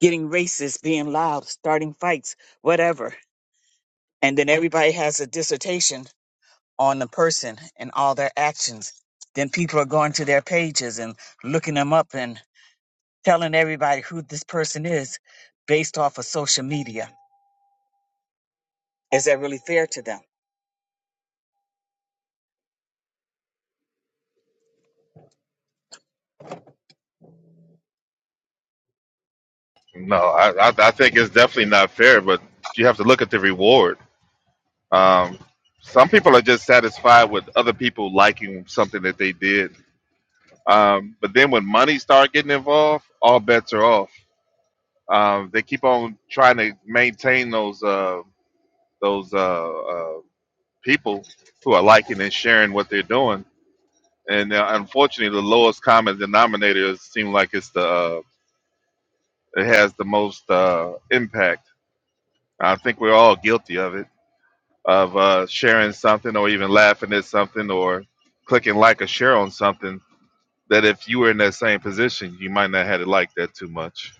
[SPEAKER 1] getting racist, being loud, starting fights, whatever. And then everybody has a dissertation on the person and all their actions. Then people are going to their pages and looking them up and telling everybody who this person is based off of social media. Is that really fair to them?
[SPEAKER 3] No, I, I, I think it's definitely not fair, but you have to look at the reward. Um, some people are just satisfied with other people liking something that they did. Um, but then when money start getting involved, all bets are off. Um, they keep on trying to maintain those uh, those uh, uh, people who are liking and sharing what they're doing. And uh, unfortunately, the lowest common denominator seems like it's the uh, it has the most uh, impact I think we're all guilty of it, of uh, sharing something or even laughing at something or clicking like or share on something that if you were in that same position, you might not have it like that too much.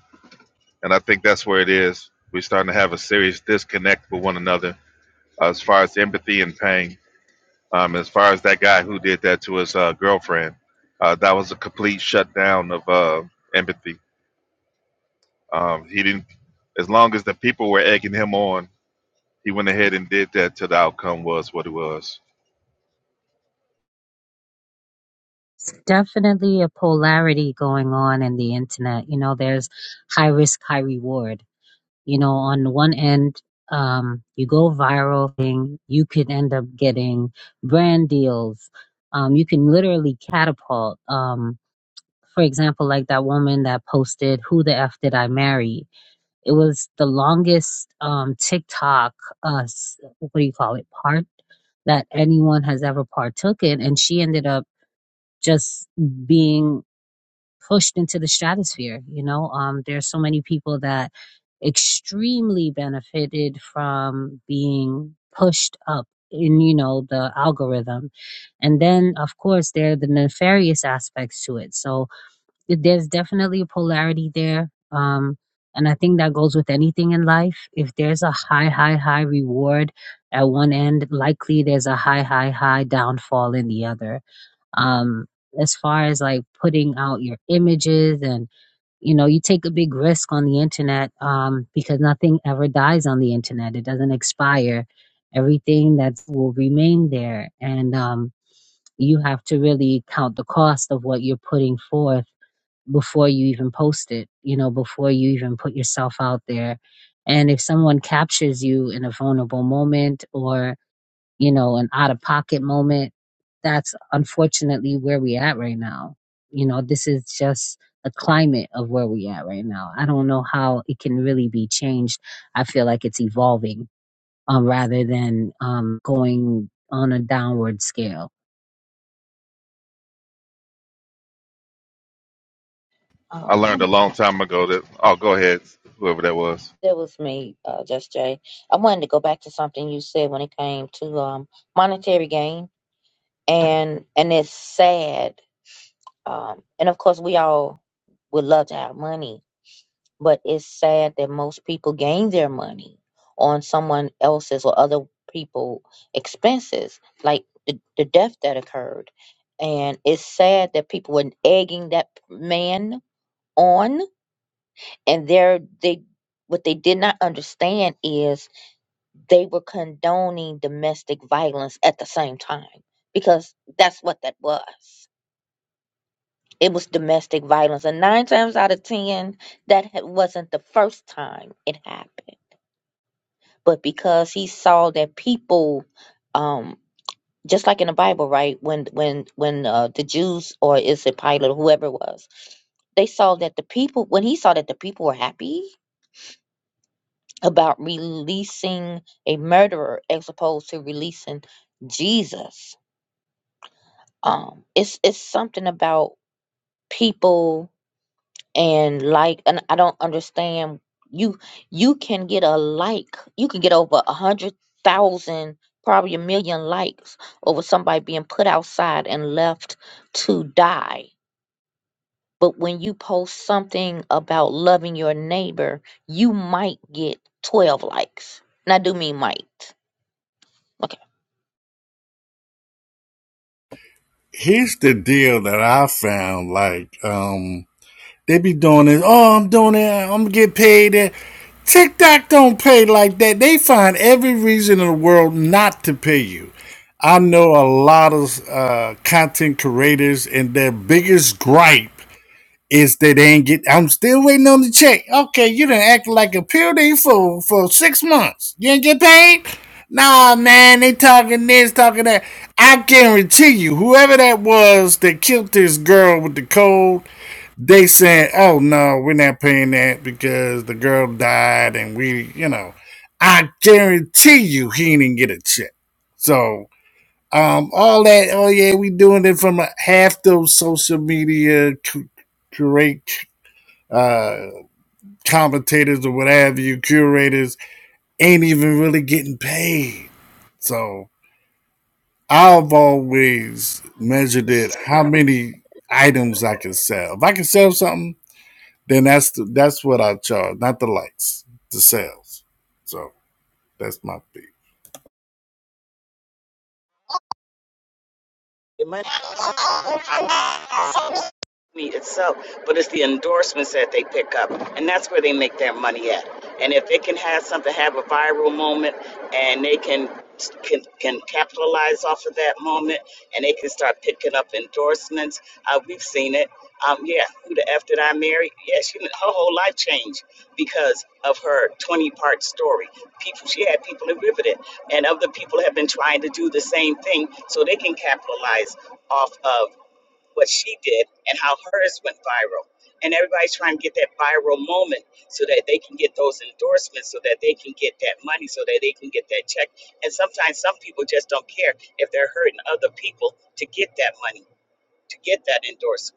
[SPEAKER 3] And I think that's where it is. We're starting to have a serious disconnect with one another uh, as far as empathy and pain. Um, as far as that guy who did that to his uh, girlfriend, uh, that was a complete shutdown of uh, empathy. Um, he didn't, as long as the people were egging him on, he went ahead and did that till the outcome was what it was.
[SPEAKER 10] It's definitely a polarity going on in the internet. You know, there's high risk, high reward. You know, on the one end, um, you go viral thing, you could end up getting brand deals. Um, you can literally catapult. Um, for example, like that woman that posted, Who the F Did I Marry? It was the longest um, TikTok, uh, s- what do you call it, part that anyone has ever partook in. And she ended up just being pushed into the stratosphere. You know, um, there are so many people that extremely benefited from being pushed up in, you know, the algorithm. And then, of course, there are the nefarious aspects to it. So th- there's definitely a polarity there. Um, and I think that goes with anything in life. If there's a high, high, high reward at one end, likely there's a high, high, high downfall in the other um as far as like putting out your images and you know you take a big risk on the internet um because nothing ever dies on the internet it doesn't expire everything that will remain there and um you have to really count the cost of what you're putting forth before you even post it you know before you even put yourself out there and if someone captures you in a vulnerable moment or you know, an out of pocket moment. That's unfortunately where we at right now. You know, this is just the climate of where we at right now. I don't know how it can really be changed. I feel like it's evolving um, rather than um, going on a downward scale.
[SPEAKER 3] I
[SPEAKER 7] Um,
[SPEAKER 3] learned a long time ago that oh, go ahead, whoever that was.
[SPEAKER 7] That was me, uh, Just Jay. I wanted to go back to something you said when it came to um, monetary gain, and and it's sad. Um, and of course, we all would love to have money, but it's sad that most people gain their money on someone else's or other people expenses, like the, the death that occurred. And it's sad that people were egging that man on, and they're they what they did not understand is they were condoning domestic violence at the same time because that's what that was. It was domestic violence. And nine times out of 10, that ha- wasn't the first time it happened. But because he saw that people, um, just like in the Bible, right? When when when uh, the Jews or is it Pilate or whoever it was, they saw that the people when he saw that the people were happy about releasing a murderer as opposed to releasing Jesus um it's it's something about people and like and i don't understand you you can get a like you can get over a hundred thousand probably a million likes over somebody being put outside and left to die but when you post something about loving your neighbor you might get 12 likes and i do mean might okay
[SPEAKER 4] Here's the deal that I found. Like, um, They be doing this. Oh, I'm doing it. I'm gonna get paid. And TikTok don't pay like that. They find every reason in the world not to pay you. I know a lot of uh, content creators, and their biggest gripe is that they ain't get. I'm still waiting on the check. Okay, you done act like a puny fool for six months. You ain't get paid. Nah, man, they talking this, talking that. I guarantee you, whoever that was that killed this girl with the cold they said, "Oh no, we're not paying that because the girl died, and we, you know, I guarantee you he didn't get a check." So, um, all that, oh yeah, we doing it from a, half those social media cu- curate uh, commentators or whatever you curators ain't even really getting paid. So, I've always measured it how many items I can sell. If I can sell something Then that's the, that's what I charge, not the likes, the sales. So that's my thing.
[SPEAKER 1] It might company itself, but it's the endorsements that they pick up, and that's where they make their money at. And if they can have something, have a viral moment, and they can can, can capitalize off of that moment, and they can start picking up endorsements. Uh, we've seen it. Um, yeah, who the f did I marry? Yeah, she, her whole life changed because of her twenty-part story. People, she had people riveted, and other people have been trying to do the same thing, so they can capitalize off of what she did and how hers went viral. And everybody's trying to get that viral moment so that they can get those endorsements, so that they can get that money, so that they can get that check. And sometimes some people just don't care if they're hurting other people to get that money, to get that endorsement.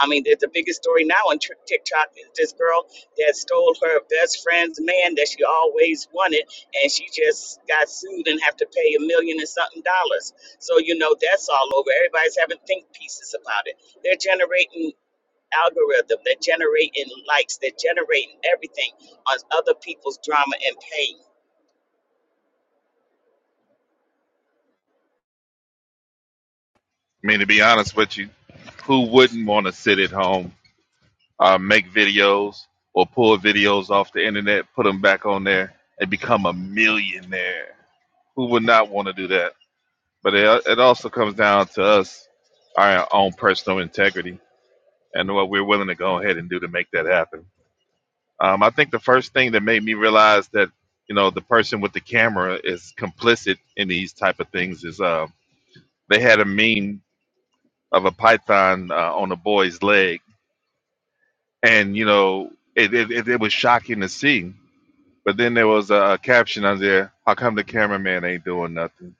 [SPEAKER 1] I mean, the, the biggest story now on Tik- TikTok is this girl that stole her best friend's man that she always wanted, and she just got sued and have to pay a million and something dollars. So you know that's all over. Everybody's having think pieces about it. They're generating algorithm. They're generating likes. They're generating everything on other people's drama and pain.
[SPEAKER 3] I mean, to be honest with you, who wouldn't want to sit at home, uh, make videos or pull videos off the internet, put them back on there, and become a millionaire? Who would not want to do that? But it, it also comes down to us, our own personal integrity, and what we're willing to go ahead and do to make that happen. Um, I think the first thing that made me realize that you know the person with the camera is complicit in these type of things is. Um, they had a meme of a python uh, on a boy's leg, and you know it, it, it, was shocking to see. But then there was a, a caption on there: "How come the cameraman ain't doing nothing?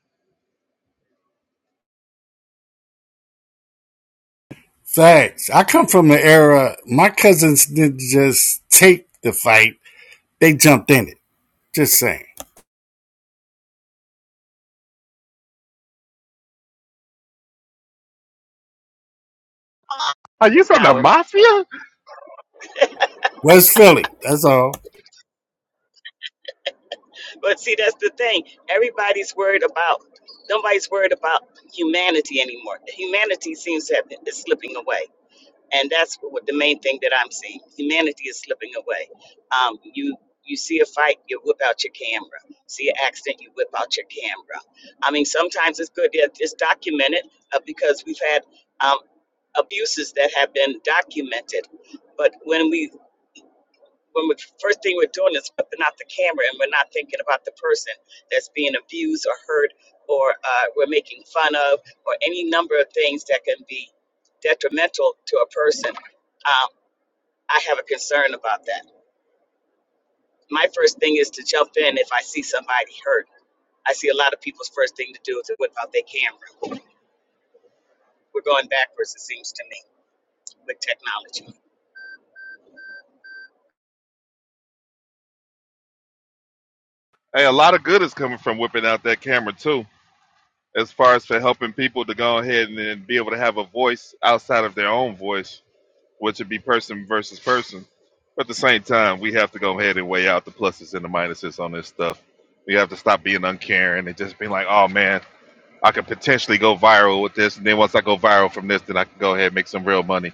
[SPEAKER 4] Facts. I come from an era my cousins didn't just take the fight; they jumped in it. Just saying.
[SPEAKER 3] Are you
[SPEAKER 1] It's
[SPEAKER 3] from the
[SPEAKER 1] Nowadays.
[SPEAKER 3] mafia?"
[SPEAKER 4] West Philly. That's all.
[SPEAKER 1] But see, that's the thing. Everybody's worried about. Nobody's worried about humanity anymore. Humanity seems to have been, is slipping away. and that's what the main thing that I'm seeing. Humanity is slipping away. Um, you you see a fight, you whip out your camera. See an accident, you whip out your camera. I mean, sometimes it's good that it's documented uh, because we've had um, abuses that have been documented. But when we when we first thing we're doing is whipping out the camera, and we're not thinking about the person that's being abused or hurt, or uh, we're making fun of, or any number of things that can be detrimental to a person Um, I have a concern about that. My first thing is to jump in if I see somebody hurt. I see a lot of people's first thing to do is to whip out their camera. We're going backwards, it seems to me, with technology.
[SPEAKER 3] Hey, a lot of good is coming from whipping out that camera too, as far as for helping people to go ahead and, and be able to have a voice outside of their own voice, which would be person versus person. But at the same time, we have to go ahead and weigh out the pluses and the minuses on this stuff. We have to stop being uncaring and just being like, "Oh man, I could potentially go viral with this, and then once I go viral from this, then I can go ahead and make some real money.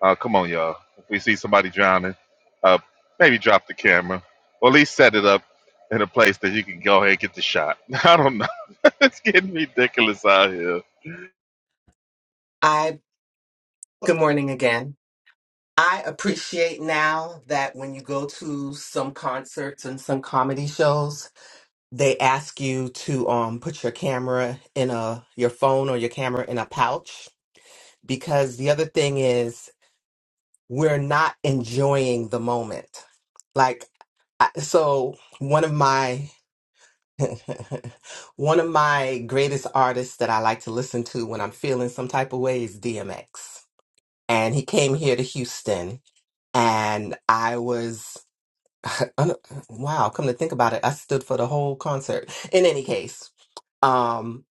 [SPEAKER 3] Uh, come on, y'all. If we see somebody drowning, uh, maybe drop the camera, or at least set it up in a place that you can go ahead and get the shot. I don't know. it's getting ridiculous out here.
[SPEAKER 9] I good morning again. I appreciate now that when you go to some concerts and some comedy shows, they ask you to um put your camera in a your phone or your camera in a pouch because the other thing is we're not enjoying the moment. Like I, so one of my One of my greatest artists that I like to listen to when I'm feeling some type of way is DMX. And he came here to Houston, and I was, un- wow, come to think about it, I stood for the whole concert. In any case, um,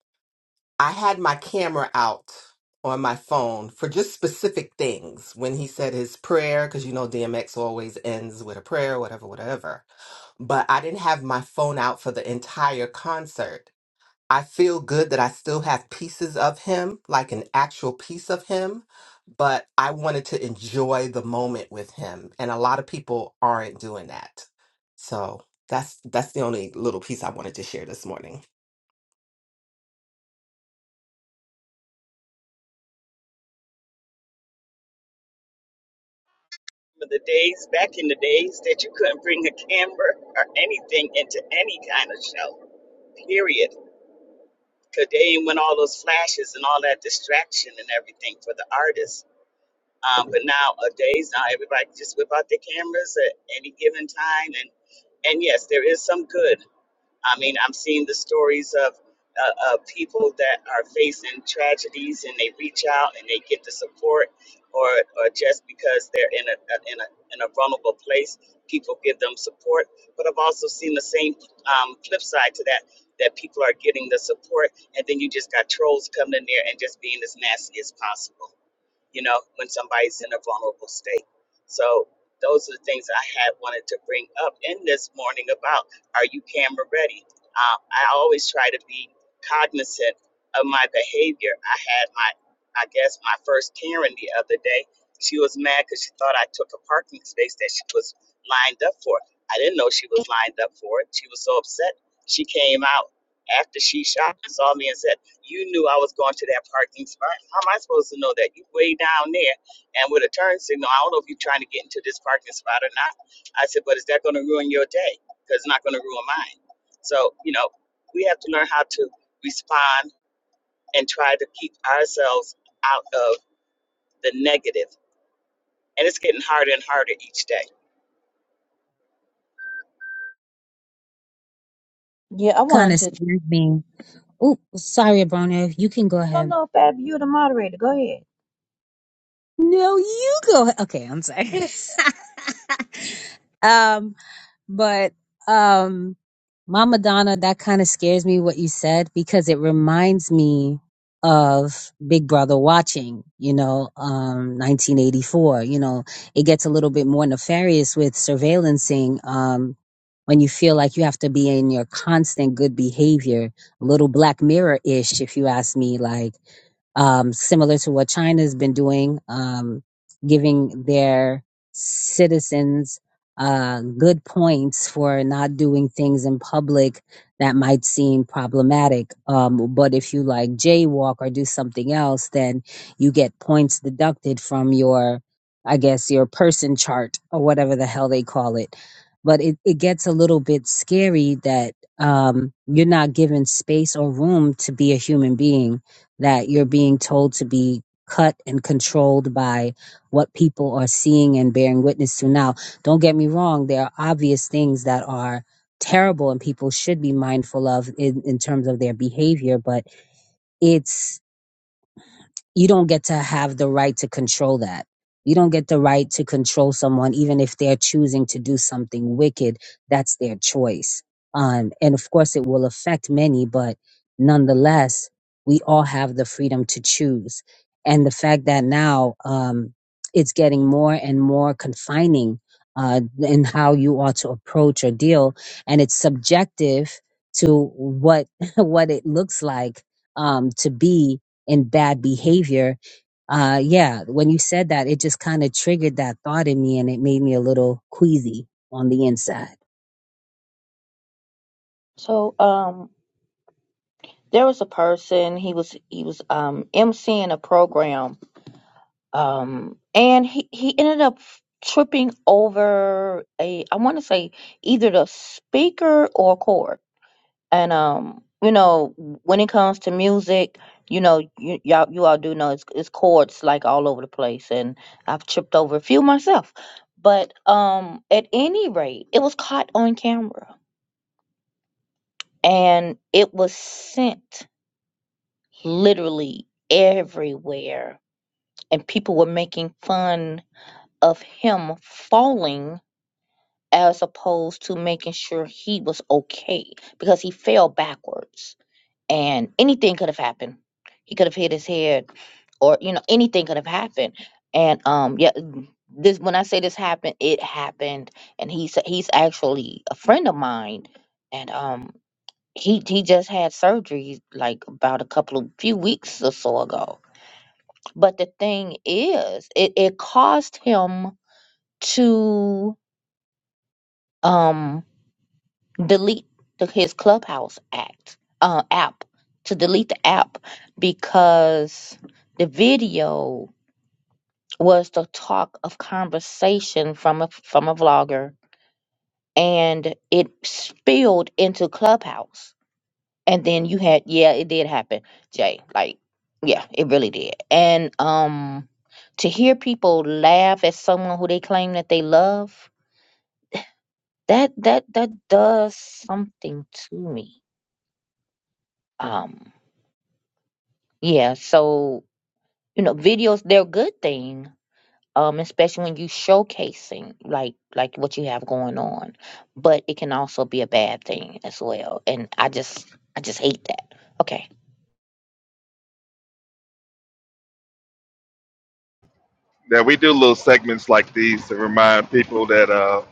[SPEAKER 9] I had my camera out on my phone for just specific things. When he said his prayer, because you know DMX always ends with a prayer, whatever, whatever. But I didn't have my phone out for the entire concert I feel good that I still have pieces of him, like an actual piece of him, but I wanted to enjoy the moment with him. And a lot of people aren't doing that. So that's that's the only little piece I wanted to share this morning.
[SPEAKER 1] For the days back in the days that you couldn't bring a camera or anything into any kind of show, period. Because they ain't want all those flashes and all that distraction and everything for the artists. Um, but nowadays, now everybody just whip out their cameras at any given time. And, and yes, there is some good. I mean, I'm seeing the stories of uh, uh, people that are facing tragedies and they reach out and they get the support, or or just because they're in a, a in a in a vulnerable place, people give them support. But I've also seen the same um, flip side to that that people are getting the support, and then you just got trolls coming in there and just being as nasty as possible you know, when somebody's in a vulnerable state. So those are the things I had wanted to bring up in this morning about are you camera ready? Um, I always try to be cognizant of my behavior. I had my, I guess, my first Karen the other day. She was mad because she thought I took a parking space that she was lined up for. I didn't know she was lined up for it. She was so upset. She came out after she shot and saw me and said, you knew I was going to that parking spot. How am I supposed to know that? You way down there and with a turn signal. I don't know if you're trying to get into this parking spot or not. I said, but is that going to ruin your day? Because it's not going to ruin mine. So, you know, we have to learn how to respond and try to keep ourselves out of the negative and it's getting harder and harder each day.
[SPEAKER 7] yeah i
[SPEAKER 10] Kind
[SPEAKER 7] wanted
[SPEAKER 10] of
[SPEAKER 7] to
[SPEAKER 10] scared me. Oh, sorry, Abrona. You can go
[SPEAKER 7] i don't
[SPEAKER 10] ahead.
[SPEAKER 7] know fab you're the moderator go ahead
[SPEAKER 10] No, you go. ahead. Okay, I'm sorry. um, But um Mama Donna, that kind of scares me what you said because it reminds me of Big Brother watching, you know, um 1984, you know, it gets a little bit more nefarious with surveillancing um when you feel like you have to be in your constant good behavior, a little black mirror-ish if you ask me like um, similar to what China has been doing, um, giving their citizens uh, good points for not doing things in public that might seem problematic. Um, but if you like jaywalk or do something else, then you get points deducted from your, I guess, your person chart or whatever the hell they call it. But it, it gets a little bit scary that um, you're not given space or room to be a human being that you're being told to be cut and controlled by what people are seeing and bearing witness to. Now, don't get me wrong, there are obvious things that are terrible and people should be mindful of in, in terms of their behavior, but it's you don't get to have the right to control that. You don't get the right to control someone, even if they're choosing to do something wicked. That's their choice. Um, and of course, it will affect many, but nonetheless, we all have the freedom to choose. And the fact that now um, it's getting more and more confining uh, in how you are to approach or deal, and it's subjective to what what it looks like um, to be and bad behavior. Uh, yeah, when you said that, it just kind of triggered that thought in me and it made me a little queasy on the inside.
[SPEAKER 7] so um there was a person he was he was um emceeing a program um and he he ended up tripping over a i want to say either the speaker or cord. and um you know when it comes to music you know you y'all you all do know it's it's chords like all over the place and i've tripped over a few myself but um at any rate it was caught on camera and it was sent literally everywhere. And people were making fun of him falling as opposed to making sure he was okay because he fell backwards and anything could have happened. He could have hit his head or, you know, anything could have happened. And um yeah, mm, this when I say this happened, it happened and he's he's actually a friend of mine and um he he just had surgery like about a couple of few weeks or so ago but the thing is, it, it caused him to um, delete the, his Clubhouse act uh, app to delete the app because the video was the talk of conversation from a from a vlogger, and it spilled into Clubhouse And then you had, yeah, it did happen, Jay. Like, yeah, it really did. And um to hear people laugh at someone who they claim that they love, that that that does something to me. Um, yeah, so you know, videos they're a good thing, um, especially when you showcasing like like what you have going on. But it can also be a bad thing as well. And I just I just hate that. Okay.
[SPEAKER 3] Now we do little segments like these to remind people that uh,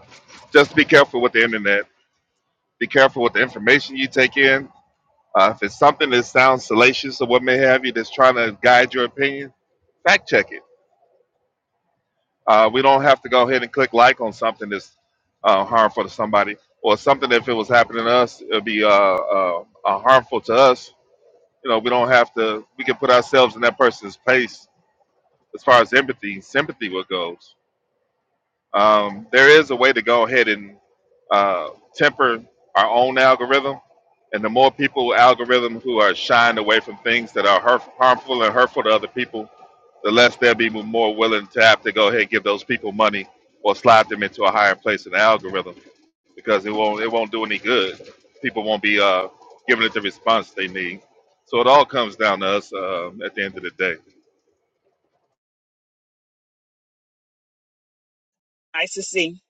[SPEAKER 3] just be careful with the internet. Be careful with the information you take in. Uh, if it's something that sounds salacious or what may have you that's trying to guide your opinion, fact check it Uh, we don't have to go ahead and click like on something that's uh, harmful to somebody or something that if it was happening to us, it would be uh, uh, uh, harmful to us. You know, we don't have to, we can put ourselves in that person's place as far as empathy, sympathy, what goes. Um, there is a way to go ahead and uh, temper our own algorithm, and the more people algorithm who are shying away from things that are hurtf- harmful and hurtful to other people, the less they'll be more willing to have to go ahead and give those people money or slide them into a higher place in the algorithm because it won't it won't do any good. People won't be uh, giving it the response they need. So it all comes down to us um, at the end of the day.
[SPEAKER 1] Nice to see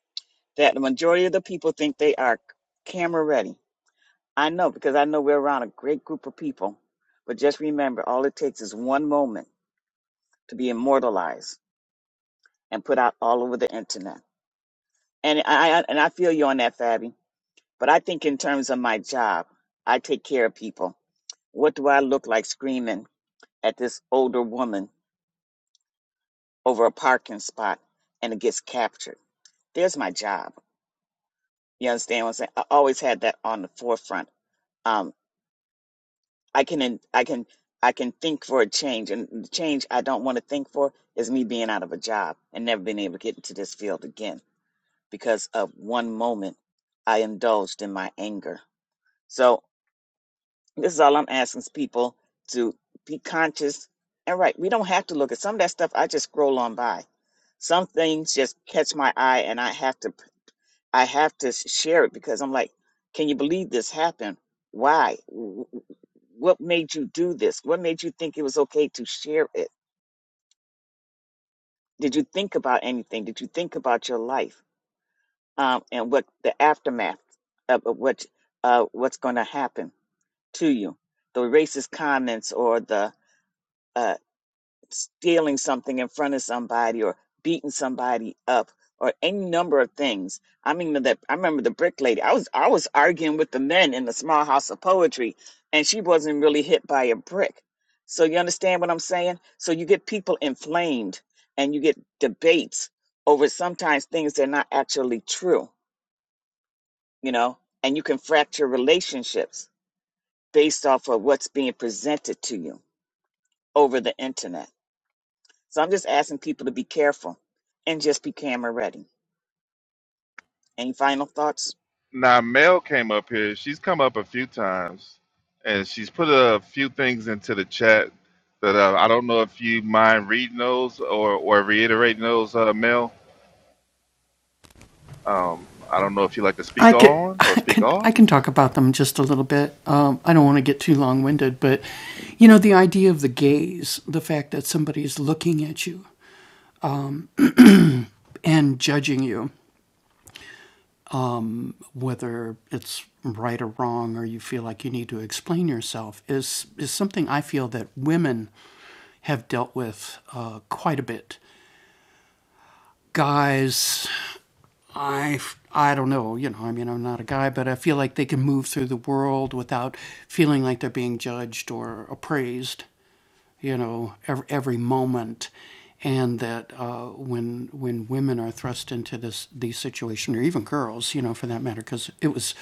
[SPEAKER 1] that the majority of the people think they are camera ready. I know because I know we're around a great group of people. But just remember, all it takes is one moment to be immortalized and put out all over the internet. And I I- and I feel you on that, Fabi. But I think in terms of my job, I take care of people. What do I look like screaming at this older woman over a parking spot and it gets captured? There's my job. You understand what I'm saying? I always had that on the forefront. Um, I can in- I can I can think for a change, and the change I don't want to think for is me being out of a job and never being able to get into this field again because of one moment I indulged in my anger. So This is all I'm asking is people to be conscious and right. We don't have to look at some of that stuff. I just scroll on by. Some things just catch my eye, and I have to I have to share it because I'm like, can you believe this happened? Why? W- w- What made you do this? What made you think it was okay to share it? Did you think about anything? Did you think about your life um, and what the aftermath of of what uh, what's going to happen to you? The racist comments or the uh, stealing something in front of somebody or beating somebody up or any number of things. I mean that I remember the brick lady. I was I was arguing with the men in the small house of poetry and she wasn't really hit by a brick. So you understand what I'm saying? So you get people inflamed and you get debates over sometimes things that are not actually true, you know, and you can fracture relationships based off of what's being presented to you over the internet. So I'm just asking people to be careful and just be camera ready. Any final thoughts?
[SPEAKER 3] Now Mel came up here. She's come up a few times, and she's put a few things into the chat that uh, I don't know if you mind reading those or or reiterating those, uh, Mel. Um, I don't know if you like to speak
[SPEAKER 11] I can
[SPEAKER 3] on or
[SPEAKER 11] I
[SPEAKER 3] speak
[SPEAKER 11] can
[SPEAKER 3] off.
[SPEAKER 11] I can talk about them just a little bit. Um, I don't want to get too long winded, but you know the idea of the gaze, the fact that somebody is looking at you and judging you, whether it's right or wrong, or you feel like you need to explain yourself, is is something I feel that women have dealt with uh, quite a bit guys, I I f- I don't know, you know, I mean, I'm not a guy, but I feel like they can move through the world without feeling like they're being judged or appraised, you know, every, every moment. And that uh, when when women are thrust into this these situations, or even girls, you know, for that matter, because it was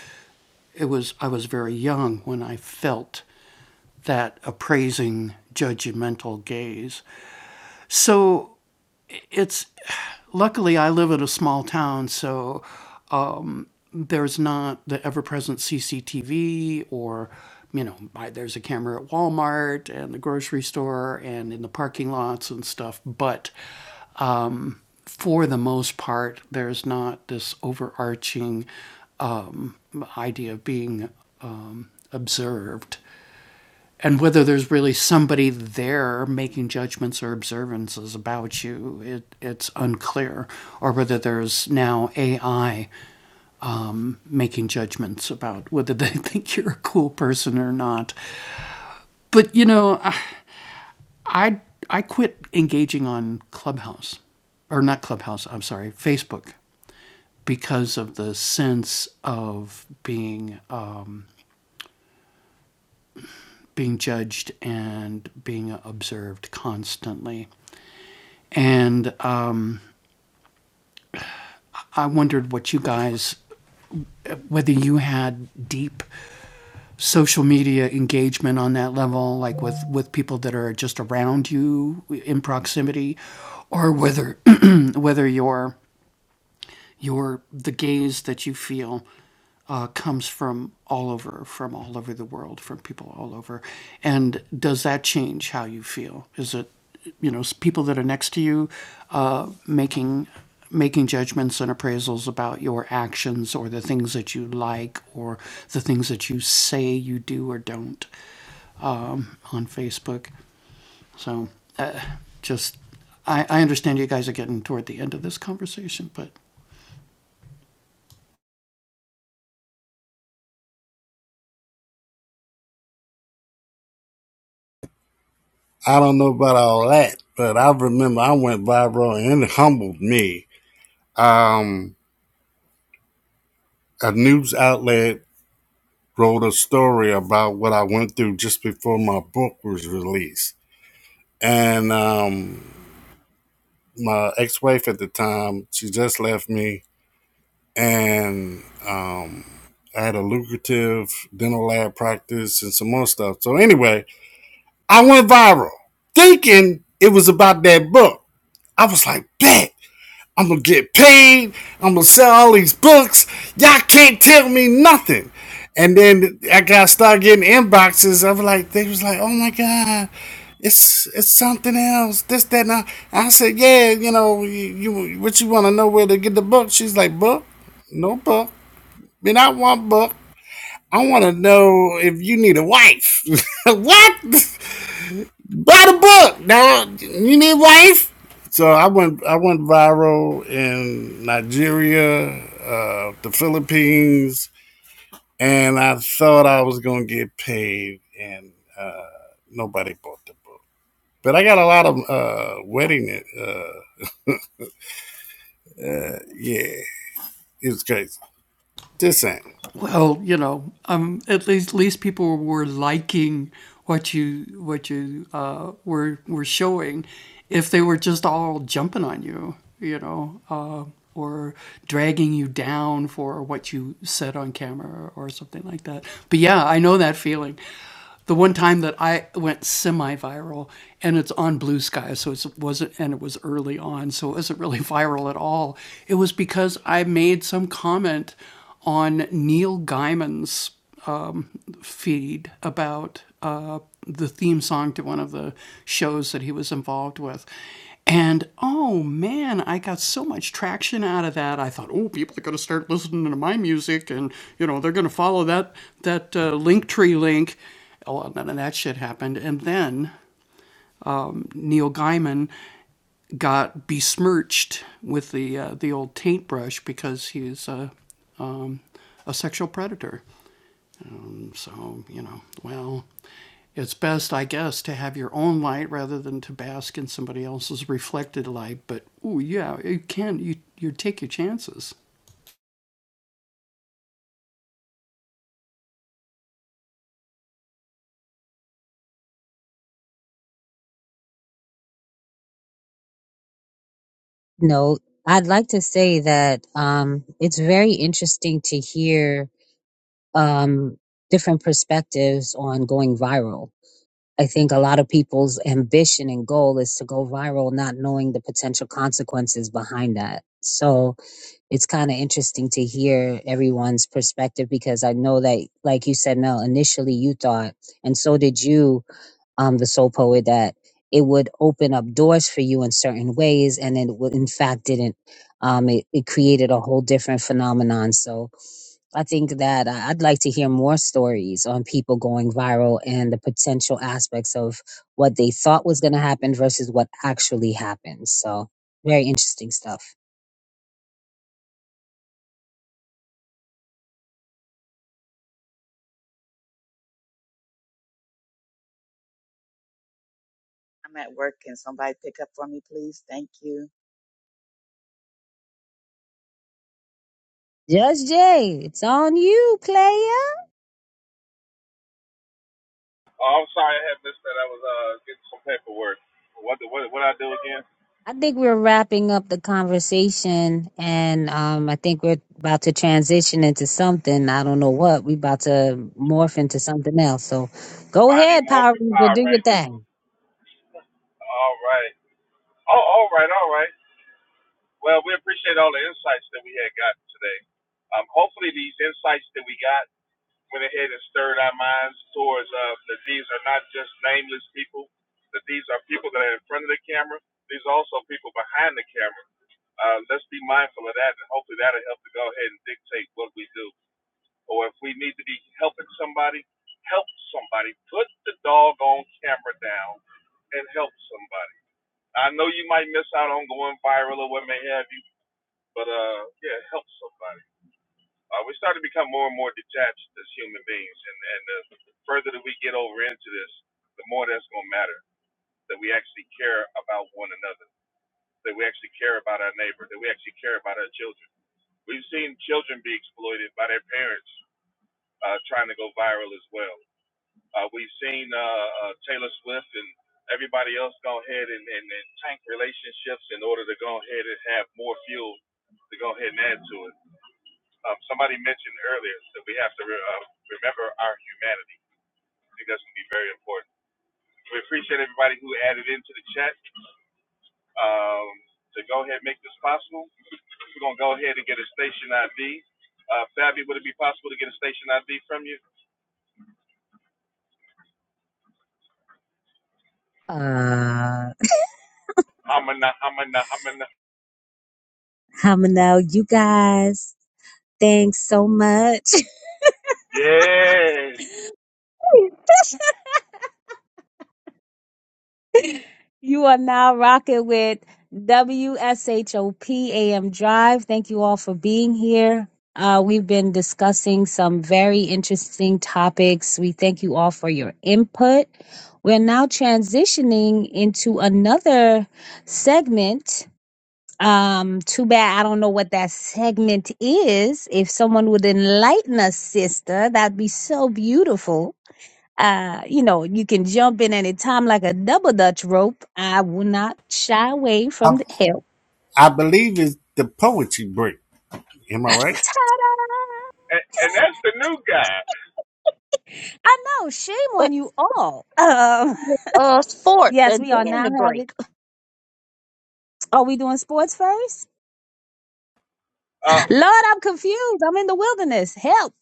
[SPEAKER 11] it was I was very young when I felt that appraising judgmental gaze so it's luckily I live in a small town, so there's not the ever-present CCTV or you know there's a camera at Walmart and the grocery store and in the parking lots and stuff. But for the most part, there's not this overarching um, idea of being um, observed. and whether there's really somebody there making judgments or observances about you, it, it's unclear, or whether there's now AI making judgments about whether they think you're a cool person or not. But you know, I I, I quit engaging on Clubhouse, or not Clubhouse. I'm sorry, Facebook. Because of the sense of being um, being judged and being observed constantly, and um, I wondered what you guys, whether you had deep social media engagement on that level, like with, with people that are just around you in proximity, or whether whether your your the gaze that you feel uh, comes from all over, from all over the world, from people all over. And does that change how you feel? Is it, you know, people that are next to you uh, making making judgments and appraisals about your actions or the things that you like or the things that you say you do or don't on Facebook? So, uh, just I, I understand you guys are getting toward the end of this conversation, but
[SPEAKER 4] I don't know about all that, but I remember I went viral and it humbled me. Um, a news outlet wrote a story about what I went through just before my book was released, and um, my ex-wife at the time she just left me and um, i had a lucrative dental lab practice and some more stuff so anyway i went viral thinking it was about that book i was like bet I'm gonna get paid. I'm gonna sell all these books. Y'all can't tell me nothing. And then I got started getting inboxes. I was like, they was like, oh my god, it's it's something else. This that. And I, I said, yeah, you know, you, you what you want to know where to get the book? She's like, book, no book. Man, I want book. I want to know if you need a wife. what? Buy the book. Now you need wife. So I went I went viral in Nigeria, uh, the Philippines, and I thought I was gonna get paid, and uh, nobody bought the book. But I got a lot of uh, wedding. Uh, yeah, it was crazy. This ain't.
[SPEAKER 11] Well, you know, um, at least, at least people were liking what you what you uh, were were showing. If they were just all jumping on you, you know, uh, or dragging you down for what you said on camera or something like that. But yeah, I know that feeling the one time that I went semi-viral, and it's on Blue Sky, so it wasn't, and it was early on, so it wasn't really viral at all. It was because I made some comment on Neil Gaiman's feed about uh, the theme song to one of the shows that he was involved with. And oh man, I got so much traction out of that. I thought, oh, people are going to start listening to my music, and you know they're going to follow that that uh, Linktree link. Oh, Well, none of that shit happened. And then Neil Gaiman got besmirched with the uh, the old taint brush because he's a um, a sexual predator. Um, so, you know, well, it's best, I guess, to have your own light rather than to bask in somebody else's reflected light. But, oh, yeah, you can, you, you take your chances.
[SPEAKER 10] No, I'd like to say that, um, it's very interesting to hear, um, different perspectives on going viral. I think a lot of people's ambition and goal is to go viral, not knowing the potential consequences behind that. So, it's kind of interesting to hear everyone's perspective because I know that, like you said, Mel, initially you thought, and so did you, um, the soul poet, that it would open up doors for you in certain ways, and it would, in fact didn't. Um, it, it created a whole different phenomenon. So I think that I- I'd like to hear more stories on people going viral and the potential aspects of what they thought was going to happen versus what actually happened. So very interesting stuff.
[SPEAKER 1] I'm at work. Can somebody pick up for me, please? Thank you.
[SPEAKER 10] Judge Jay, it's on you, player.
[SPEAKER 3] Oh, I'm sorry, I had missed that. I was uh getting some paperwork. What the, what what I do again?
[SPEAKER 10] I think we're wrapping up the conversation, and um, I think we're about to transition into something. I don't know what. We're about to morph into something else. So go
[SPEAKER 3] Mighty
[SPEAKER 10] ahead, Power
[SPEAKER 3] Morphin
[SPEAKER 10] Ranger,
[SPEAKER 3] Power
[SPEAKER 10] do your
[SPEAKER 3] Rangers.
[SPEAKER 10] thing.
[SPEAKER 3] All right. Oh, all right, all right. Well, we appreciate all the insights that we had gotten today. Um, hopefully these insights that we got went ahead and stirred our minds towards uh, that these are not just nameless people, that these are people that are in front of the camera. These are also people behind the camera. Uh, let's be mindful of that, and hopefully that'll help to go ahead and dictate what we do. Or if we need to be helping somebody, help somebody. Put the doggone camera down and help somebody. I know you might miss out on going viral or what may have you, but uh, yeah, help somebody. Uh, we start to become more and more detached as human beings, and and the further that we get over into this, the more that's going to matter. That we actually care about one another. That we actually care about our neighbor. That we actually care about our children. We've seen children be exploited by their parents, uh, trying to go viral as well. Uh, we've seen uh, uh, Taylor Swift and everybody else go ahead and, and, and tank relationships in order to go ahead and have more fuel to go ahead and add to it. Um, somebody mentioned earlier that we have to re- uh, remember our humanity. I think that's going to be very important. We appreciate everybody who added into the chat um, to go ahead and make this possible. We're going to go ahead and get a station ID. Uh, Fabi, would it be possible to get a station ID from you?
[SPEAKER 10] Uh,
[SPEAKER 3] I'm a, I'm a, I'm a,
[SPEAKER 10] I'm gonna know you guys. Thanks so much.
[SPEAKER 3] yeah.
[SPEAKER 10] You are now rocking with W S H O P A M Drive. Thank you all for being here. Uh, we've been discussing some very interesting topics. We thank you all for your input. We're now transitioning into another segment. Um, too bad I don't know what that segment is. If someone would enlighten us, sister, that'd be so beautiful uh, you know, you can jump in any time like a double dutch rope. I will not shy away
[SPEAKER 4] I,
[SPEAKER 10] from the help.
[SPEAKER 4] I believe it's the poetry break. Am I right?
[SPEAKER 3] And, and that's the new guy.
[SPEAKER 10] I know, shame
[SPEAKER 7] But
[SPEAKER 10] on you all. Um,
[SPEAKER 7] uh, sports
[SPEAKER 10] yes,
[SPEAKER 7] and
[SPEAKER 10] we are
[SPEAKER 7] during
[SPEAKER 10] now
[SPEAKER 7] the break.
[SPEAKER 10] having. Are we doing sports first?
[SPEAKER 3] Uh,
[SPEAKER 10] Lord, I'm confused. I'm in the wilderness. Help.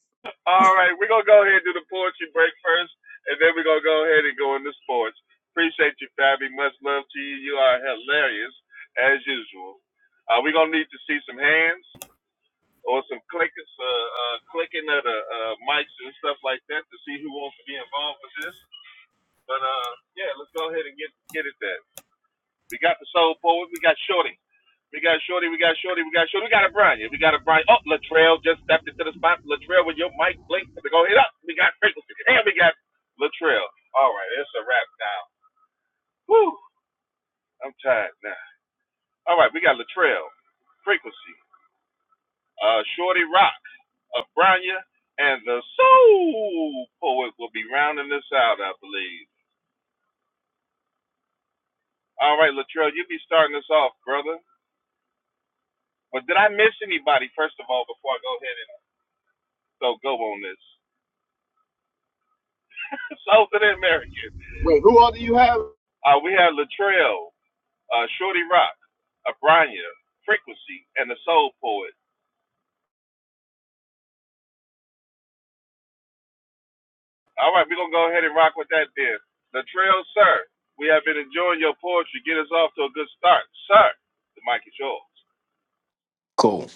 [SPEAKER 3] All right, we're gonna go ahead and do the poetry break first, and then we're gonna go ahead and go into sports. Appreciate you, Fabi. Much love to you. You are hilarious as usual. Uh, we're gonna need to see some hands or some clickers, uh, uh, clicking of the uh, mics and stuff like that to see who wants to be involved with this. But uh, yeah, let's go ahead and get get it that. We got the soul forward. We got Shorty. We got Shorty. We got Shorty. We got Shorty. We got a Brian. Yeah, We got a Brian. Oh, Latrell just stepped into the spot. Latrell with your mic blink to go hit up. We got frequency. And we got Latrell. All right, it's a wrap now. Woo! I'm tired now. All right, we got Latrell, frequency, uh, Shorty Rock, Branya, and the Soul Poet will be rounding this out, I believe. All right, Latrell, you be starting us off, brother. But did I miss anybody, first of all, before I go ahead and so go on this? Southern American.
[SPEAKER 5] Wait, who all do you have?
[SPEAKER 3] Uh, we have Latrell, uh, Shorty Rock, Abranya, Frequency, and the Soul Poet. All right, we're going to go ahead and rock with that then. Latrell, sir, we have been enjoying your poetry. Get us off to a good start. Sir, the mic is yours.
[SPEAKER 12] Cool.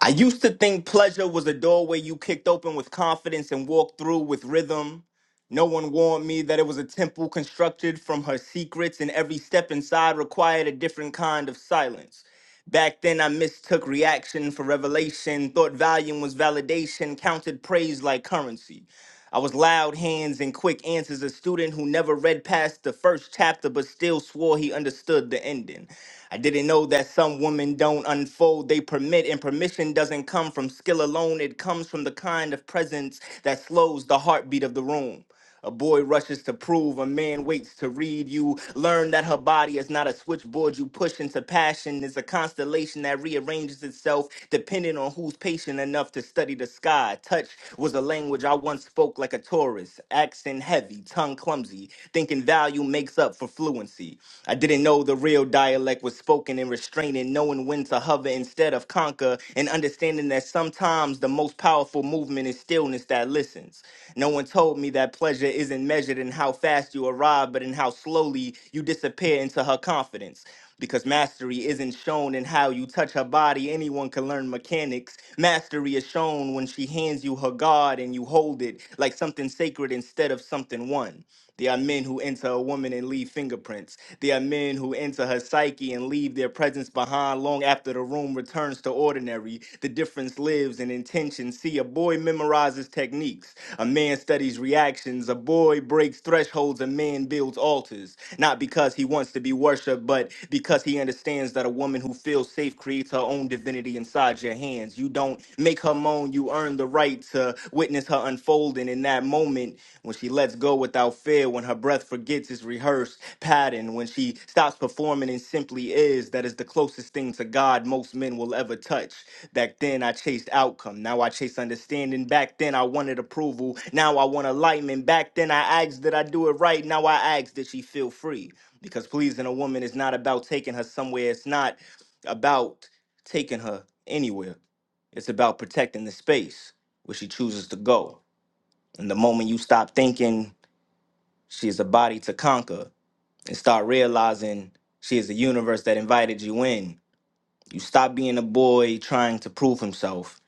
[SPEAKER 12] I used to think pleasure was a doorway you kicked open with confidence and walked through with rhythm. No one warned me that it was a temple constructed from her secrets, and every step inside required a different kind of silence. Back then, I mistook reaction for revelation, thought volume was validation, counted praise like currency. I was loud hands and quick answers, a student who never read past the first chapter but still swore he understood the ending. I didn't know that some women don't unfold, they permit, and permission doesn't come from skill alone, it comes from the kind of presence that slows the heartbeat of the room. A boy rushes to prove, a man waits to read you. Learn that her body is not a switchboard you push into passion, is a constellation that rearranges itself depending on who's patient enough to study the sky. Touch was a language I once spoke like a tourist. accent heavy, tongue clumsy, thinking value makes up for fluency. I didn't know the real dialect was spoken and restraining, knowing when to hover instead of instead of conquer, and understanding that sometimes the most powerful movement is stillness that listens. No one told me that pleasure isn't measured in how fast you arrive, but in how slowly you disappear into her confidence. Because mastery isn't shown in how you touch her body. Anyone can learn mechanics. Mastery is shown when she hands you her guard and you hold it like something sacred instead of something won. There are men who enter a woman and leave fingerprints. There are men who enter her psyche and leave their presence behind long after the room returns to ordinary. The difference lives in intention. See, a boy memorizes techniques, a man studies reactions, a boy breaks thresholds, a man builds altars. Not because he wants to be worshipped, but because he understands that a woman who feels safe creates her own divinity inside your hands. You happens. You don't make her moan. You earn the right to witness her unfolding in that moment when she lets go without fear, when her breath forgets its rehearsed pattern, when she stops performing and simply is. That is the closest thing to God most men will ever touch. Back then, I chased outcome. Now I chase understanding. Back then, I wanted approval. Now I want alignment. Back then, I asked that I do it right. Now I ask that she feel free. Because pleasing a woman is not about taking her somewhere. It's not about taking her anywhere. It's about protecting the space where she chooses to go. And the moment you stop thinking she is a body to conquer and start realizing she is the universe that invited you in, you stop being a boy trying to prove himself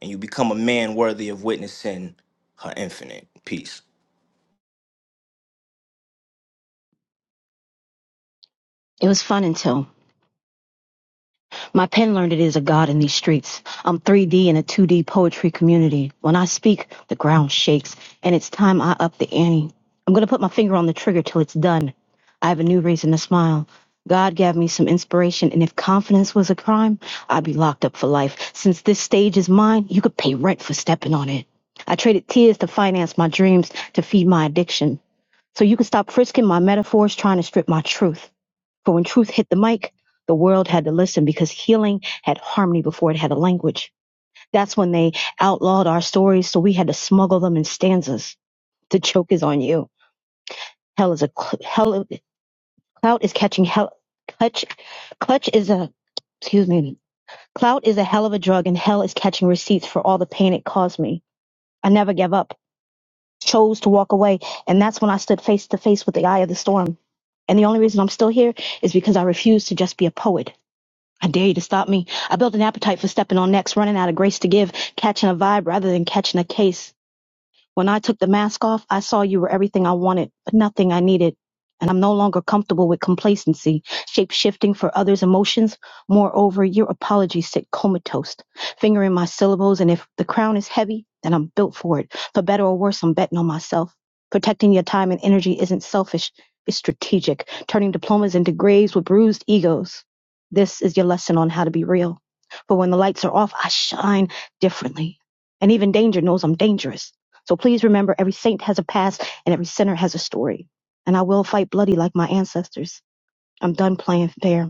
[SPEAKER 12] and you become a man worthy of witnessing her infinite peace.
[SPEAKER 8] It was fun until. My pen learned it is a god in these streets. I'm 3D in a 2D poetry community. When I speak, the ground shakes, and it's time I up the ante. I'm gonna put my finger on the trigger till it's done. I have a new reason to smile. God gave me some inspiration, and if confidence was a crime, I'd be locked up for life. Since this stage is mine, you could pay rent for stepping on it. I traded tears to finance my dreams, to feed my addiction. So you could stop frisking my metaphors, trying to strip my truth. For when truth hit the mic, the world had to listen because healing had harmony before it had a language. That's when they outlawed our stories, so we had to smuggle them in stanzas. The joke is on you. Hell is a hell. Clout is catching hell. Clutch, clutch is a. Excuse me. Clout is a hell of a drug, and hell is catching receipts for all the pain it caused me. I never gave up. Chose to walk away, and that's when I stood face to face with the eye of the storm. And the only reason I'm still here is because I refuse to just be a poet. I dare you to stop me. I built an appetite for stepping on necks, running out of grace to give, catching a vibe rather than catching a case. When I took the mask off, I saw you were everything I wanted, but nothing I needed. And I'm no longer comfortable with complacency, shape shifting for others' emotions. Moreover, your apologies sit comatose, fingering my syllables. And if the crown is heavy, then I'm built for it. For better or worse, I'm betting on myself. Protecting your time and energy isn't selfish, it's strategic, turning diplomas into graves with bruised egos. This is your lesson on how to be real. For when the lights are off, I shine differently. And even danger knows I'm dangerous. So please remember every saint has a past and every sinner has a story. And I will fight bloody like my ancestors. I'm done playing fair.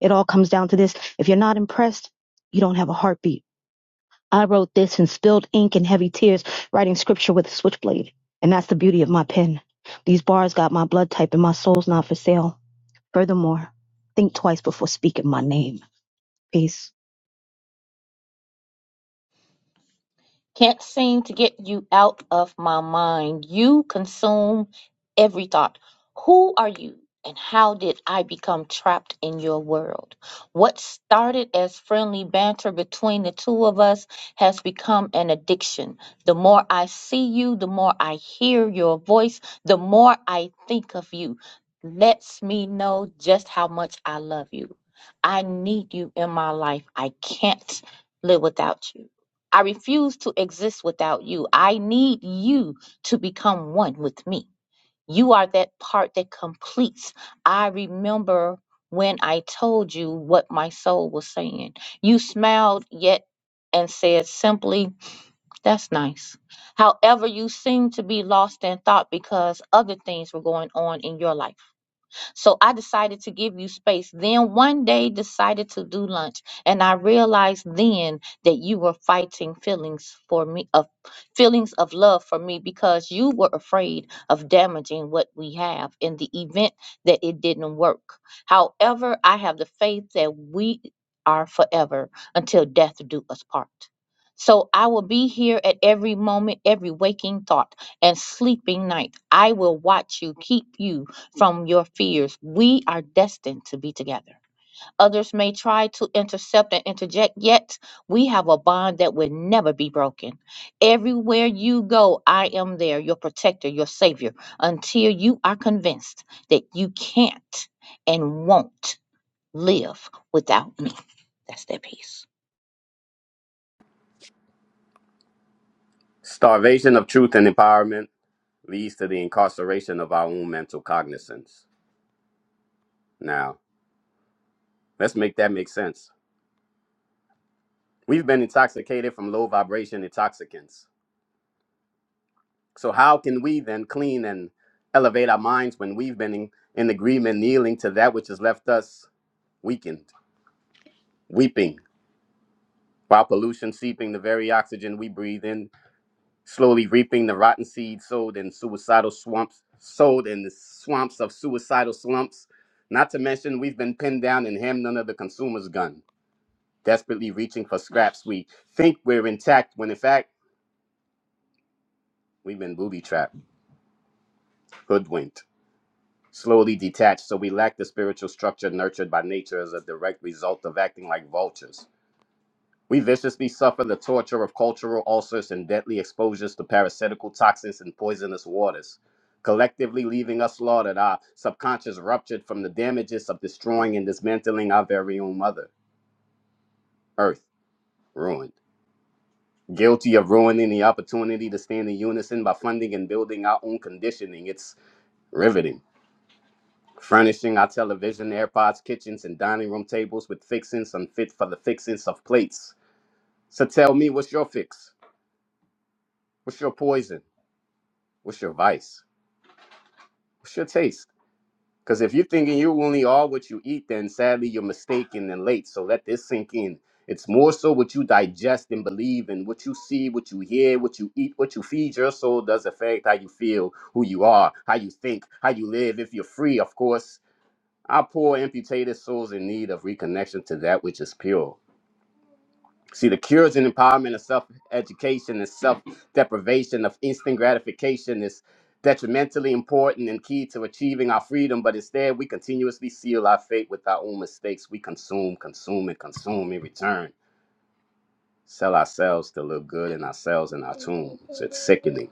[SPEAKER 8] It all comes down to this. If you're not impressed, you don't have a heartbeat. I wrote this in spilled ink and heavy tears, writing scripture with a switchblade. And that's the beauty of my pen. These bars got my blood type and my soul's not for sale. Furthermore, think twice before speaking my name. Peace.
[SPEAKER 7] Can't seem to get you out of my mind. You consume every thought. Who are you and how did I become trapped in your world? What started as friendly banter between the two of us has become an addiction. The more I see you, the more I hear your voice, the more I think of you. Lets me know just how much I love you. I need you in my life. I can't live without you. I refuse to exist without you. I need you to become one with me. You are that part that completes. I remember when I told you what my soul was saying. You smiled yet and said simply, That's nice. However, you seemed to be lost in thought because other things were going on in your life. So I decided to give you space. Then one day decided to do lunch. And I realized then that you were fighting feelings for me of feelings of love for me because you were afraid of damaging what we have in the event that it didn't work. However, I have the faith that we are forever until death do us part. So I will be here at every moment, every waking thought and sleeping night. I will watch you, keep you, from your fears. We are destined to be together. Others may try to intercept and interject, yet we have a bond that will never be broken. Everywhere you go, I am there, your protector, your savior, until you are convinced that you can't and won't live without me. That's that piece.
[SPEAKER 5] Starvation of truth and empowerment leads to the incarceration of our own mental cognizance. Now, let's make that make sense. We've been intoxicated from low vibration intoxicants. So how can we then clean and elevate our minds when we've been in, in agreement, kneeling to that which has left us weakened, weeping, while pollution seeping the very oxygen we breathe in, slowly reaping the rotten seeds sowed in suicidal swamps, sowed in the swamps of suicidal slumps. Not to mention we've been pinned down and hemmed under the consumer's gun, desperately reaching for scraps we think we're intact when in fact we've been booby trapped, hoodwinked slowly detached, so we lack the spiritual structure nurtured by nature as a direct result of acting like vultures. We viciously suffer the torture of cultural ulcers and deadly exposures to parasitical toxins and poisonous waters, collectively leaving us slaughtered, our subconscious ruptured from the damages of destroying and dismantling our very own mother, Earth, ruined. Guilty of ruining the opportunity to stand in unison by funding and building our own conditioning, it's riveting. Furnishing our television, AirPods, kitchens, and dining room tables with fixings unfit for the fixings of plates. So tell me, what's your fix? What's your poison? What's your vice? What's your taste? Because if you're thinking you only are what you eat, then sadly you're mistaken and late. So let this sink in. It's more so what you digest and believe in, what you see, what you hear, what you eat, what you feed your soul does affect how you feel, who you are, how you think, how you live, if you're free, of course. Our poor, amputated souls in need of reconnection to that which is pure. See, the cures and empowerment of self education and self deprivation of instant gratification is detrimentally important and key to achieving our freedom, but instead we continuously seal our fate with our own mistakes. We consume, consume, and consume in return. Sell ourselves to look good in ourselves and our tombs. It's sickening.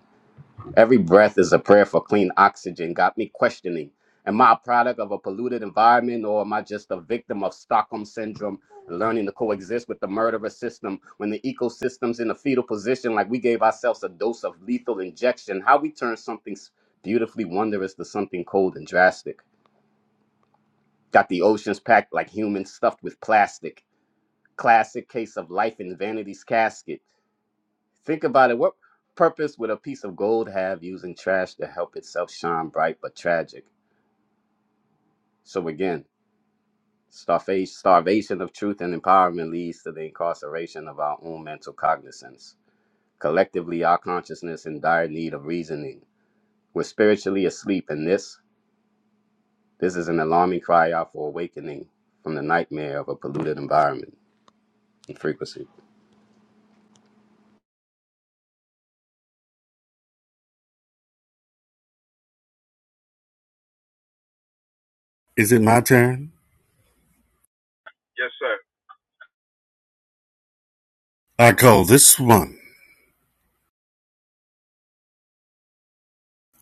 [SPEAKER 5] Every breath is a prayer for clean oxygen. Got me questioning. Am I a product of a polluted environment or am I just a victim of Stockholm syndrome? Learning to coexist with the murderous system when the ecosystem's in a fetal position, like we gave ourselves a dose of lethal injection. How we turn something s- beautifully wondrous to something cold and drastic. Got the oceans packed like humans stuffed with plastic. Classic case of life in vanity's casket. Think about it. What purpose would a piece of gold have using trash to help itself shine bright but tragic? So again, starvation, starvation of truth and empowerment leads to the incarceration of our own mental cognizance. Collectively, our consciousness in dire need of reasoning. We're spiritually asleep, and this this is an alarming cry out for awakening from the nightmare of a polluted environment and frequency.
[SPEAKER 4] Is it my turn?
[SPEAKER 3] Yes, sir.
[SPEAKER 4] I call this one.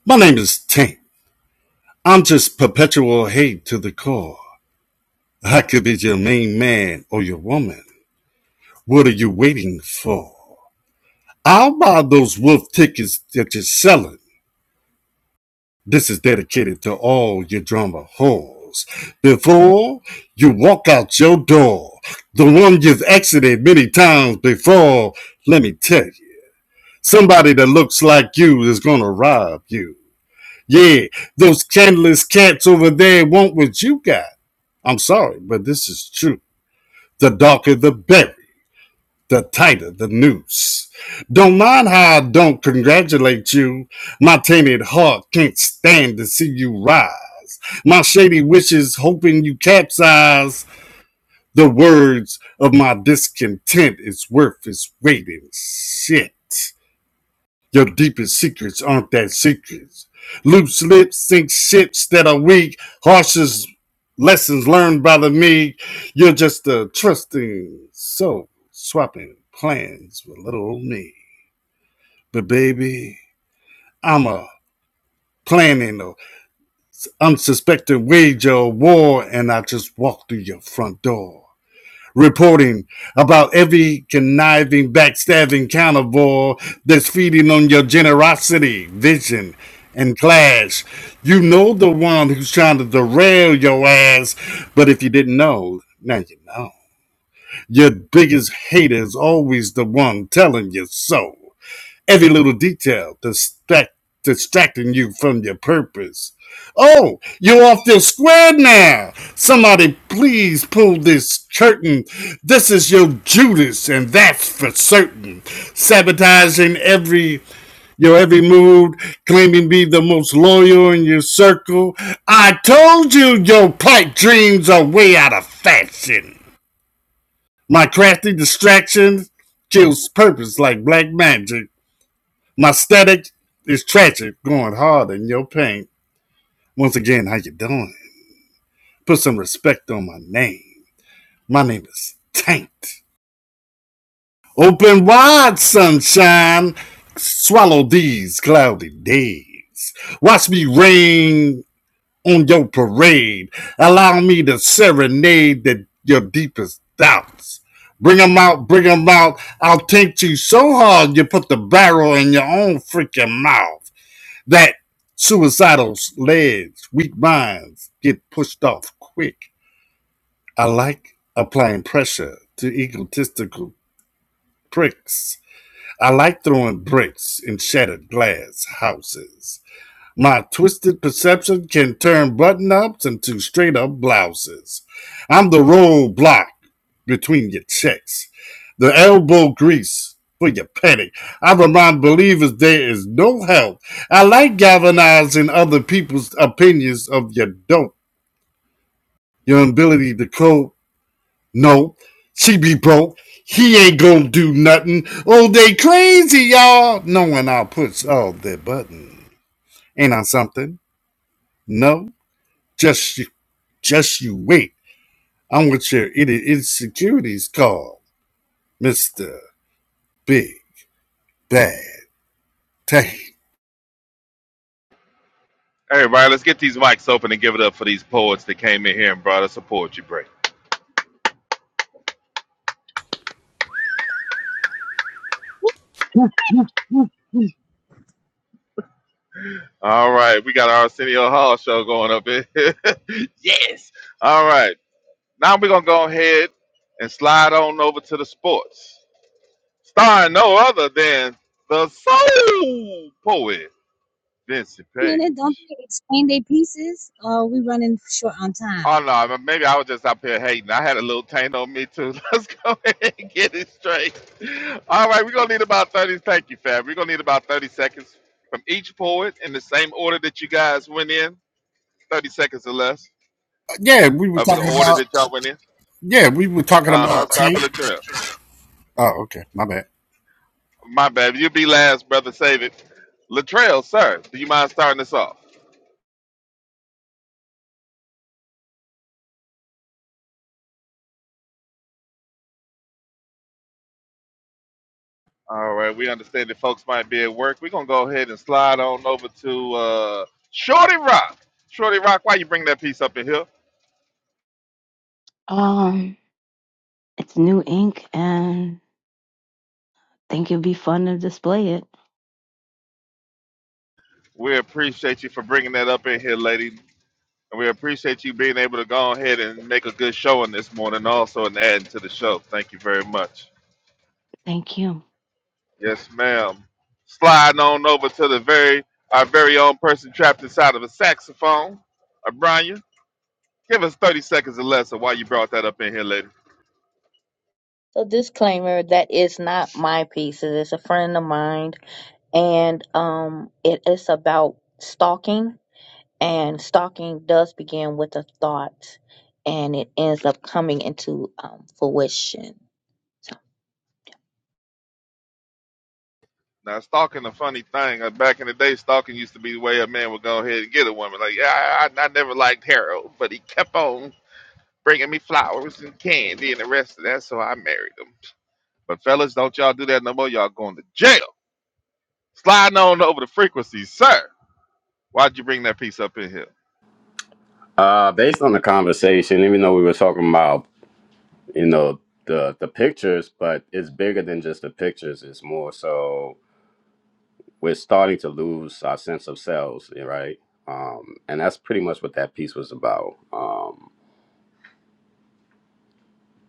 [SPEAKER 4] My name is Tank. I'm just perpetual hate to the core. I could be your main man or your woman. What are you waiting for? I'll buy those wolf tickets that you're selling. This is dedicated to all your drama whores. Before you walk out your door, the one you've exited many times before, let me tell you, somebody that looks like you is gonna rob you. Yeah, those candleless cats over there want what you got. I'm sorry, but this is true. The darker the berry the tighter the noose. Don't mind how I don't congratulate you. My tainted heart can't stand to see you rise. My shady wishes hoping you capsize. The words of my discontent is worth its weight in shit. Your deepest secrets aren't that secrets. Loose lips think shits that are weak. Harshest lessons learned by the meek. You're just a trusting soul, swapping plans with little old me. But baby, I'm a planning a unsuspecting wage of war, and I just walked through your front door. reporting about every conniving, backstabbing carnivore that's feeding on your generosity, vision, and class. You know the one who's trying to derail your ass, but if you didn't know, now you know. Your biggest hater is always the one telling you so every little detail distract, distracting you from your purpose. Oh, you're off this square now. Somebody please pull this curtain. This is your Judas, and that's for certain. Sabotaging every your every move, claiming to be the most loyal in your circle. I told you your pipe dreams are way out of fashion. My crafty distractions kills purpose like black magic my static is tragic, going hard in your paint. Once again, how you doing? Put some respect on my name. My name is Taint. Open wide, sunshine. Swallow these cloudy days. Watch me rain on your parade. Allow me to serenade the, your deepest doubts. Bring 'em out, bring 'em out. I'll taint you so hard you put the barrel in your own freaking mouth. that suicidal legs, weak minds get pushed off quick. I like applying pressure to egotistical pricks. I like throwing bricks in shattered glass houses. My twisted perception can turn button ups into straight up blouses. I'm the roadblock between your checks, the elbow grease for your petty. I remind believers there is no help. I like galvanizing other people's opinions of your dope, your ability to cope. No, she be broke. He ain't gonna do nothing. Oh, they crazy, y'all. Knowing I'll push all their buttons. Ain't I something? No, just you. Just you wait. I'm with your idiot insecurities called Mr. Big Bad Tank.
[SPEAKER 3] Hey, Ryan, let's get these mics open and give it up for these poets that came in here and brought us a poetry break. All right, we got our Arsenio Hall show going up here. yes. All right, now we're going to go ahead and slide on over to the sports. starring no other than the soul poet Vincent Page.
[SPEAKER 10] minute. Don't they explain their pieces? Or are we running short on time?
[SPEAKER 3] Oh no, I mean, maybe I was just up here hating. I had a little taint on me too. Let's go ahead and get it straight. All right, we're gonna need about thirty. Thank you, Fab. We're gonna need about thirty seconds from each poet in the same order that you guys went in. Thirty seconds or less
[SPEAKER 4] Yeah, we were
[SPEAKER 3] of the
[SPEAKER 4] talking
[SPEAKER 3] order
[SPEAKER 4] about
[SPEAKER 3] that y'all went in.
[SPEAKER 4] yeah, we were talking
[SPEAKER 3] Uh huh.
[SPEAKER 4] about
[SPEAKER 3] Start
[SPEAKER 4] Tank.
[SPEAKER 3] with Latrell.
[SPEAKER 4] Oh, okay, my bad.
[SPEAKER 3] My bad. You be last, brother. Save it. Latrell, sir, do you mind starting us off? All right, we understand that folks might be at work. We're gonna go ahead and slide on over to uh, Shorty Rock. Shorty Rock, why you bring that piece up in here?
[SPEAKER 8] Um, it's new ink and think it'd be fun to display it.
[SPEAKER 3] We appreciate you for bringing that up in here, lady, and we appreciate you being able to go ahead and make a good showing this morning, also and adding to the show. Thank you very much.
[SPEAKER 8] Thank you.
[SPEAKER 3] Yes, ma'am. Sliding on over to the very our very own person trapped inside of a saxophone, O'Brien. Give us thirty seconds or less of why you brought that up in here, lady.
[SPEAKER 7] So disclaimer that is not my piece. It is a friend of mine and um it is about stalking And stalking does begin with a thought and it ends up coming into um, fruition. So,
[SPEAKER 3] Now, stalking a funny thing. Uh, Back in the day, stalking used to be the way a man would go ahead and get a woman. Like, yeah, I, I I never liked Harold, but he kept on bringing me flowers and candy and the rest of that, so I married him. But fellas, don't y'all do that no more. Y'all going to jail. Sliding on over the frequency, sir. Why'd you bring that piece up in here?
[SPEAKER 5] Uh, based on the conversation, even though we were talking about you know the the pictures but it's bigger than just the pictures it's more so we're starting to lose our sense of selves yeah, right um and that's pretty much what that piece was about um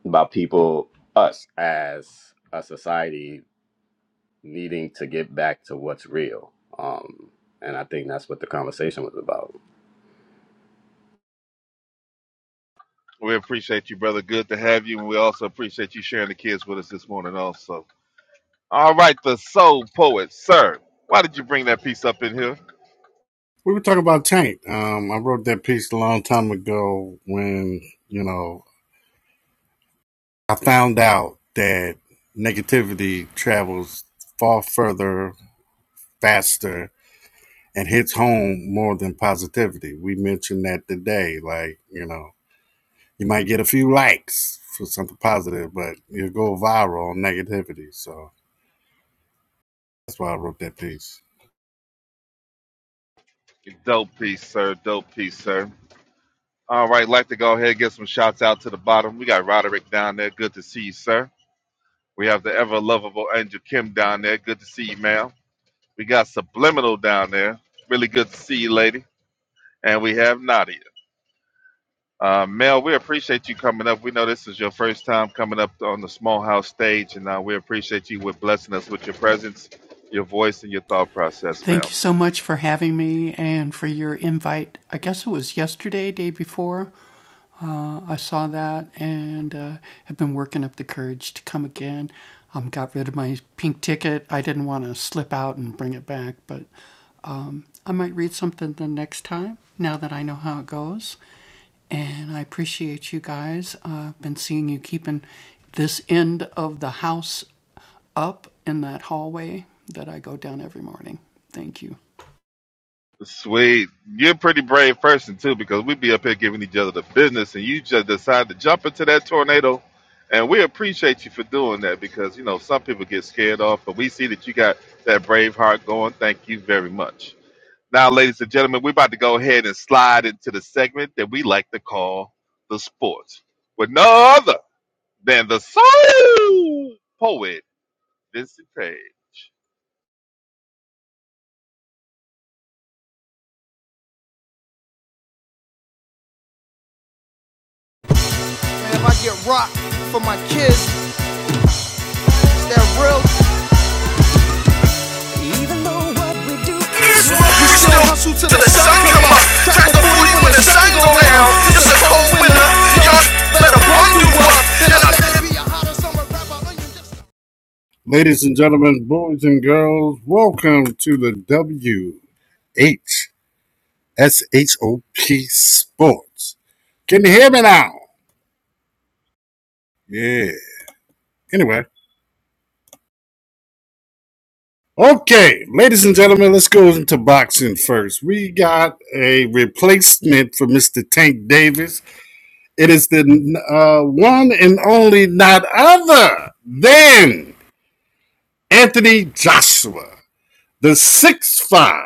[SPEAKER 5] about people us as a society needing to get back to what's real um and i think that's what the conversation was about
[SPEAKER 3] We appreciate you, brother. Good to have you, and we also appreciate you sharing the kids with us this morning, also. All right, the soul poet, sir. Why did you bring that piece up in here?
[SPEAKER 4] We were talking about Tank. Um, I wrote that piece a long time ago when, you know, I found out that negativity travels far further, faster, and hits home more than positivity. We mentioned that today, like, you know, You might get a few likes for something positive, but you'll go viral on negativity. So that's why I wrote that piece.
[SPEAKER 3] Dope piece, sir. Dope piece, sir. All right, like to go ahead and get some shouts out to the bottom. We got Roderick down there. Good to see you, sir. We have the ever lovable Angel Kim down there. Good to see you, ma'am. We got Subliminal down there. Really good to see you, lady. And we have Nadia. Uh, Mel, we appreciate you coming up. We know this is your first time coming up on the Small House stage, and uh, we appreciate you with blessing us with your presence, your voice, and your thought process,
[SPEAKER 11] Thank
[SPEAKER 3] Mel.
[SPEAKER 11] you so much for having me and for your invite. I guess it was yesterday, day before. Uh, I saw that and uh, have been working up the courage to come again. Um, got rid of my pink ticket. I didn't want to slip out and bring it back, but I might read something the next time now that I know how it goes. And I appreciate you guys. Uh, I've been seeing you keeping this end of the house up in that hallway that I go down every morning. Thank you.
[SPEAKER 3] Sweet. You're a pretty brave person too, because we be up here giving each other the business and you just decide to jump into that tornado. And we appreciate you for doing that because you know some people get scared off, but we see that you got that brave heart going. Thank you very much. Now, ladies and gentlemen, we're about to go ahead and slide into the segment that we like to call the sports. With no other than the soul poet, Vincent Page.
[SPEAKER 4] And if I get rocked for my kids, is that real? We still hustle till the sun come up. Crack the 40 when the sun go down. It's a cold winter. Y'all better bundle up. Ladies and gentlemen, boys and girls, welcome to the WHSHOP Sports. Can you hear me now? Yeah. Anyway, okay, ladies and gentlemen, let's go into boxing first. We got a replacement for Mr. Tank Davis. It is the uh, one and only, not other than Anthony Joshua, the 6'5,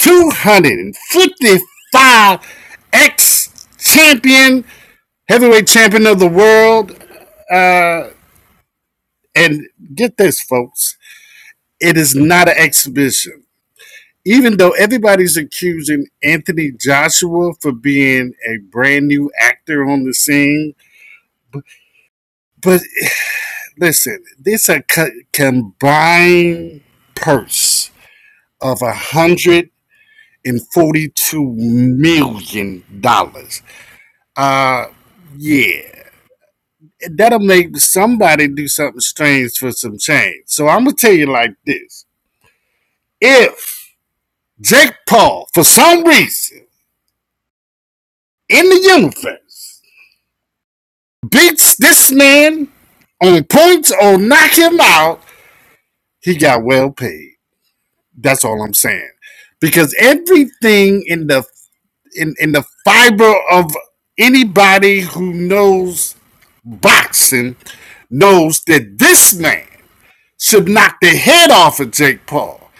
[SPEAKER 4] 255 ex champion, heavyweight champion of the world. Uh, and get this, folks, it is not an exhibition. even though everybody's accusing Anthony Joshua for being a brand new actor on the scene, but listen, this a co- combined purse of a hundred and forty-two million dollars. Uh, yeah, that'll make somebody do something strange for some change. So I'm gonna tell you like this: if Jake Paul, for some reason in the universe, beats this man on points or knock him out, he got well paid. That's all I'm saying. Because everything in the in, in the fiber of anybody who knows boxing knows that this man should knock the head off of Jake Paul.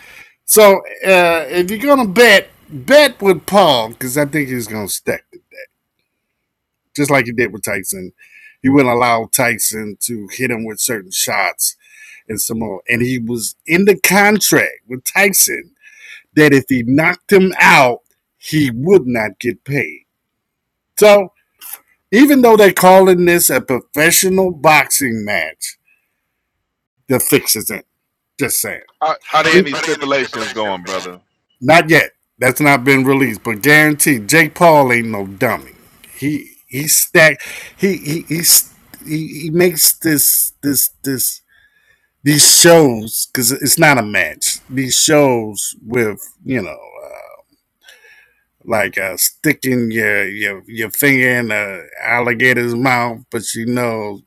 [SPEAKER 4] So uh, if you're gonna bet, bet with Paul because I think he's gonna stick to that, just like he did with Tyson. He wouldn't allow Tyson to hit him with certain shots and Samoa. And he was in the contract with Tyson that if he knocked him out, he would not get paid. So even though they're calling this a professional boxing match, the fix isn't. Just saying.
[SPEAKER 3] Are, are
[SPEAKER 4] Are,
[SPEAKER 3] there any
[SPEAKER 4] there any
[SPEAKER 3] stipulations
[SPEAKER 4] stipulations
[SPEAKER 3] going,
[SPEAKER 4] going?
[SPEAKER 3] brother?
[SPEAKER 4] Not yet. That's not been released, but guaranteed, Jake Paul ain't no dummy. He he stack he he he, he makes this this this these shows because it's not a match. These shows with you know, uh, like uh, sticking your your your finger in the alligator's mouth, but you know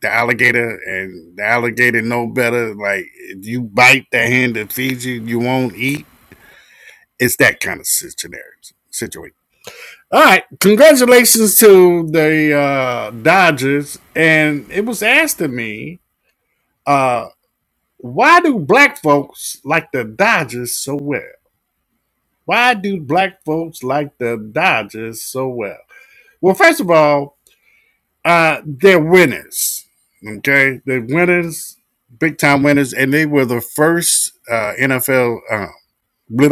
[SPEAKER 4] the alligator and the alligator know better. Like if you bite the hand that feeds you, you won't eat. It's that kind of situation. Situation. All right, congratulations to the uh, Dodgers. And it was asked to me, uh, why do black folks like the Dodgers so well? Why do black folks like the Dodgers so well? Well, first of all, uh, they're winners. Okay, they're winners, big time winners, and they were the first uh, NFL uh, blah,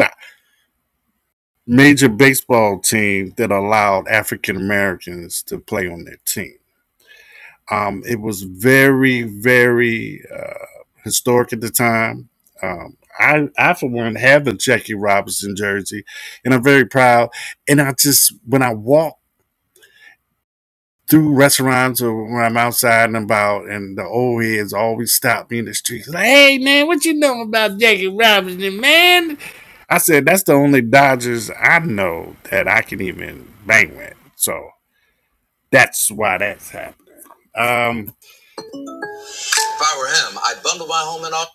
[SPEAKER 4] major baseball team that allowed African Americans to play on their team. Um, it was very, very uh, historic at the time. Um, I, I, for one, have a Jackie Robinson jersey, and I'm very proud. And I just, when I walk through restaurants or when I'm outside and about, and the old heads always stop me in the streets. Like, hey man, what you know about Jackie Robinson, man? I said that's the only Dodgers I know that I can even bang with. So that's why that's happening. Um, If I were him, I'd bundle my home and all.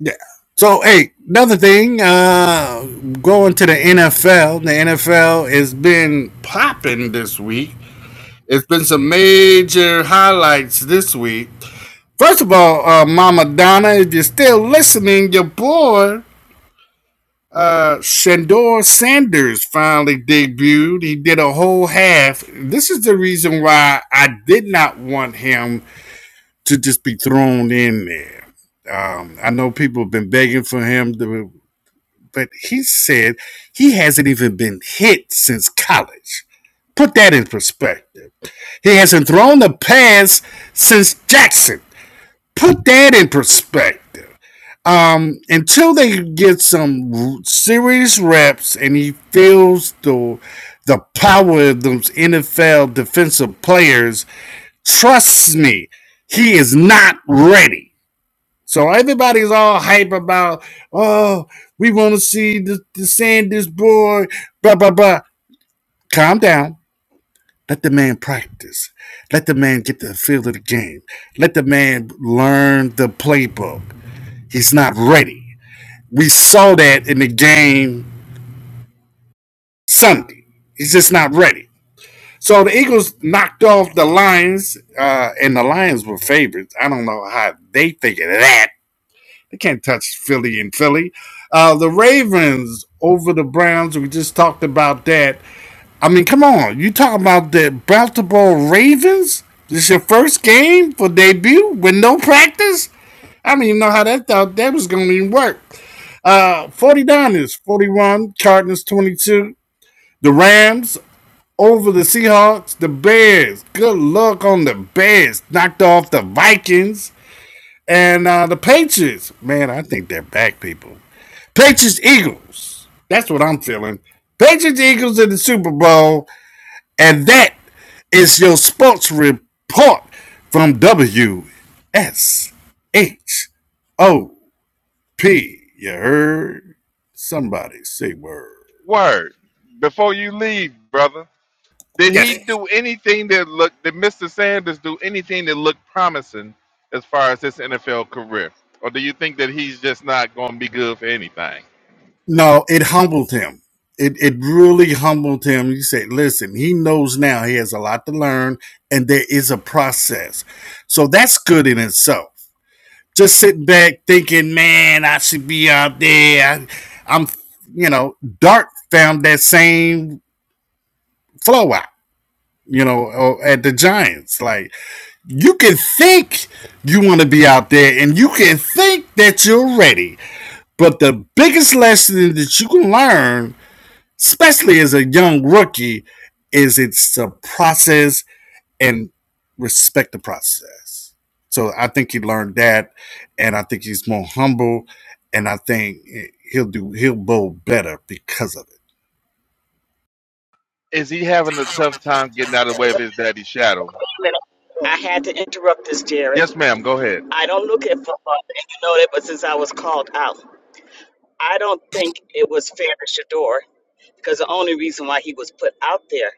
[SPEAKER 4] yeah. So hey, another thing, uh, going to the NFL. The NFL has been popping this week. It's been some major highlights this week. First of all, uh, Mama Donna, if you're still listening, your boy uh, Shandor Sanders finally debuted. He did a whole half. This is the reason why I did not want him to just be thrown in there. Um, I know people have been begging for him, to, but he said he hasn't even been hit since college. Put that in perspective. He hasn't thrown a pass since Jackson. Put that in perspective. Um, until they get some serious reps and he feels the the power of those NFL defensive players, trust me, he is not ready. So everybody's all hype about, oh, we want to see the, the Sanders boy, blah blah blah. Calm down. Let the man practice. Let the man get the feel of the game. Let the man learn the playbook. He's not ready we saw that in the game Sunday. He's just not ready. So the Eagles knocked off the Lions, uh, and the Lions were favorites. I don't know how they think of that. They can't touch Philly and Philly. Uh, the Ravens over the Browns. We just talked about that. I mean, come on. You talking about the Baltimore Ravens? This your first game for debut with no practice? I don't even know how that thought that was going to even work. Uh, 49ers 41, Cardinals 22, the Rams over the Seahawks, the Bears. Good luck on the Bears. Knocked off the Vikings and uh, the Patriots. Man, I think they're back, people. Patriots Eagles. That's what I'm feeling. Patriots Eagles in the Super Bowl. And that is your sports report from WSHOP. You heard? Somebody say word.
[SPEAKER 3] Word. Before you leave, brother, did he
[SPEAKER 4] Yes.
[SPEAKER 3] do anything that looked? Did Mr. Sanders do anything that looked promising as far as his NFL career, or do you think that he's just not going to be good for anything?
[SPEAKER 4] No, it humbled him. It it really humbled him. He said, listen, he knows now he has a lot to learn and there is a process. So that's good in itself. Just sitting back thinking, man, I should be out there. I, am you know, Dart found that same flow out, you know, uh, at the Giants. Like, you can think you want to be out there and you can think that you're ready. But the biggest lesson that you can learn especially as a young rookie, is it's a process and respect the process. So I think he learned that, and I think he's more humble, and I think he'll do he'll bowl better because of it.
[SPEAKER 3] Is he
[SPEAKER 4] Do
[SPEAKER 3] having
[SPEAKER 4] you
[SPEAKER 3] a
[SPEAKER 4] have an
[SPEAKER 3] tough
[SPEAKER 4] attempt
[SPEAKER 3] time getting out
[SPEAKER 4] to-
[SPEAKER 3] of the way
[SPEAKER 1] Wait, wait
[SPEAKER 3] of his daddy's shadow?
[SPEAKER 1] a minute. I had to interrupt this, Jared.
[SPEAKER 3] Yes, ma'am. Go ahead.
[SPEAKER 1] I don't look at football, and you know that, but since I was called out, I don't think it was fair to Shador because the only reason why he was put out there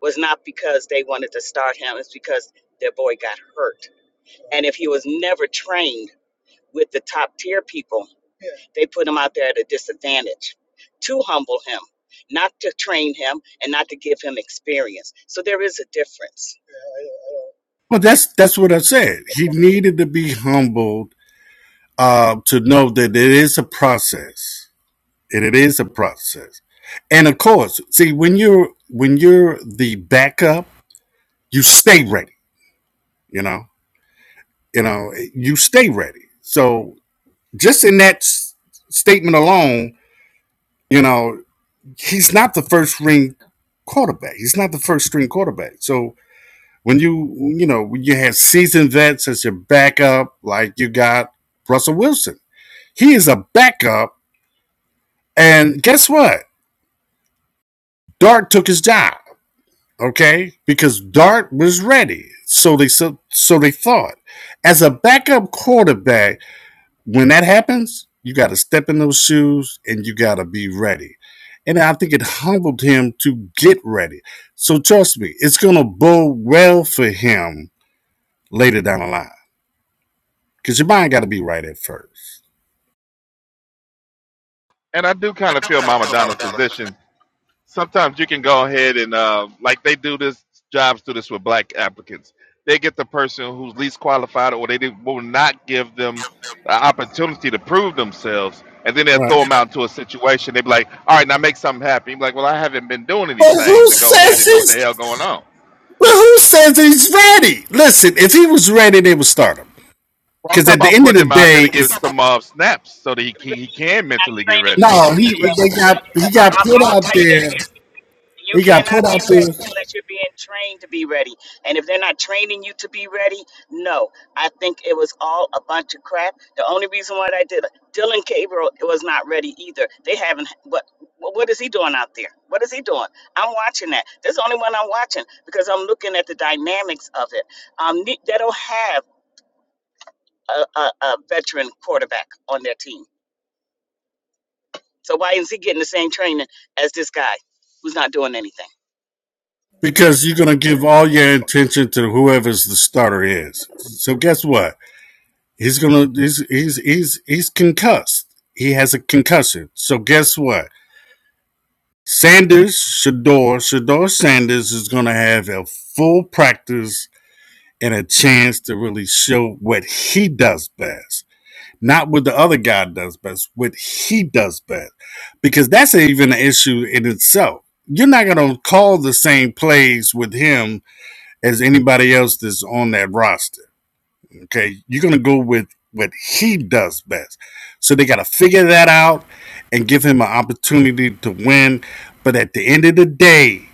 [SPEAKER 1] was not because they wanted to start him, it's because their boy got hurt. And if he was never trained with the top tier people, They put him out there at a disadvantage to humble him, not to train him, and not to give him experience. So there is a difference.
[SPEAKER 4] Well, that's that's what I said. He needed to be humbled uh, to know that it is a process. It, it is a process, and of course, see when you're when you're the backup, you stay ready. You know, you know you stay ready so just in that s- statement alone you know he's not the first string quarterback he's not the first string quarterback so when you you know when you have seasoned vets as your backup like you got russell wilson he is a backup and guess what dart took his job okay because dart was ready so they so, so they thought as a backup quarterback when that happens, you got to step in those shoes and you got to be ready. And I think it humbled him to get ready. So trust me, it's going to bode well for him later down the line because your mind got to be right at first.
[SPEAKER 3] And I do kind of
[SPEAKER 4] I'm
[SPEAKER 3] feel
[SPEAKER 4] trying to
[SPEAKER 3] Mama
[SPEAKER 4] tell Mama
[SPEAKER 3] Donna's
[SPEAKER 4] Donna
[SPEAKER 3] position
[SPEAKER 4] something.
[SPEAKER 3] sometimes you can go ahead and uh, like they do this jobs do this with black applicants. They get the person who's least qualified, or they do, will not give them the opportunity to prove themselves, and then they'll throw
[SPEAKER 4] Right.
[SPEAKER 3] them out into a situation. They be like, "All right, now make something happen." You be like, "Well, I haven't been doing
[SPEAKER 4] But who
[SPEAKER 3] anything to go ahead
[SPEAKER 4] says
[SPEAKER 3] and know what the
[SPEAKER 4] he's
[SPEAKER 3] hell going on."
[SPEAKER 4] but who says he's ready? Listen, if he was ready, they would start him.
[SPEAKER 3] Well, I'm
[SPEAKER 4] Because
[SPEAKER 3] talking
[SPEAKER 4] at the
[SPEAKER 3] about
[SPEAKER 4] end of
[SPEAKER 3] putting
[SPEAKER 4] the
[SPEAKER 3] him out there
[SPEAKER 4] day,
[SPEAKER 3] to give some uh, snaps so that he, he he can
[SPEAKER 1] I'm
[SPEAKER 3] mentally get
[SPEAKER 1] Training
[SPEAKER 3] ready.
[SPEAKER 1] you to
[SPEAKER 4] no,
[SPEAKER 1] be
[SPEAKER 4] he
[SPEAKER 1] real.
[SPEAKER 4] they got he
[SPEAKER 1] I,
[SPEAKER 4] got
[SPEAKER 1] I,
[SPEAKER 4] put
[SPEAKER 1] I will
[SPEAKER 4] out
[SPEAKER 1] tell you this
[SPEAKER 4] there.
[SPEAKER 1] here. You
[SPEAKER 4] He got put
[SPEAKER 1] cannot be
[SPEAKER 4] out
[SPEAKER 1] ready
[SPEAKER 4] there
[SPEAKER 1] unless you're being trained to be ready. And if they're not training you to be ready, no. I think it was all a bunch of crap. The only reason why I did Dylan Gabriel was not ready either. They haven't what what is he doing out there? What is he doing? I'm watching that. That's the only one I'm watching because I'm looking at the dynamics of it. Um, ne- they don't have a, a, a veteran quarterback on their team. So why is he getting the same training as this guy who's not doing anything?
[SPEAKER 4] Because you're gonna give all your attention to whoever's the starter is. So guess what? He's gonna he's he's he's he's concussed. He has a concussion. So guess what? Sanders, Shador, Shador Sanders is gonna have a full practice and a chance to really show what he does best. Not what the other guy does best, what he does best. Because that's even an issue in itself. You're not gonna call the same plays with him as anybody else that's on that roster. Okay. You're going to go with what he does best. So they got to figure that out and give him an opportunity to win. But at the end of the day,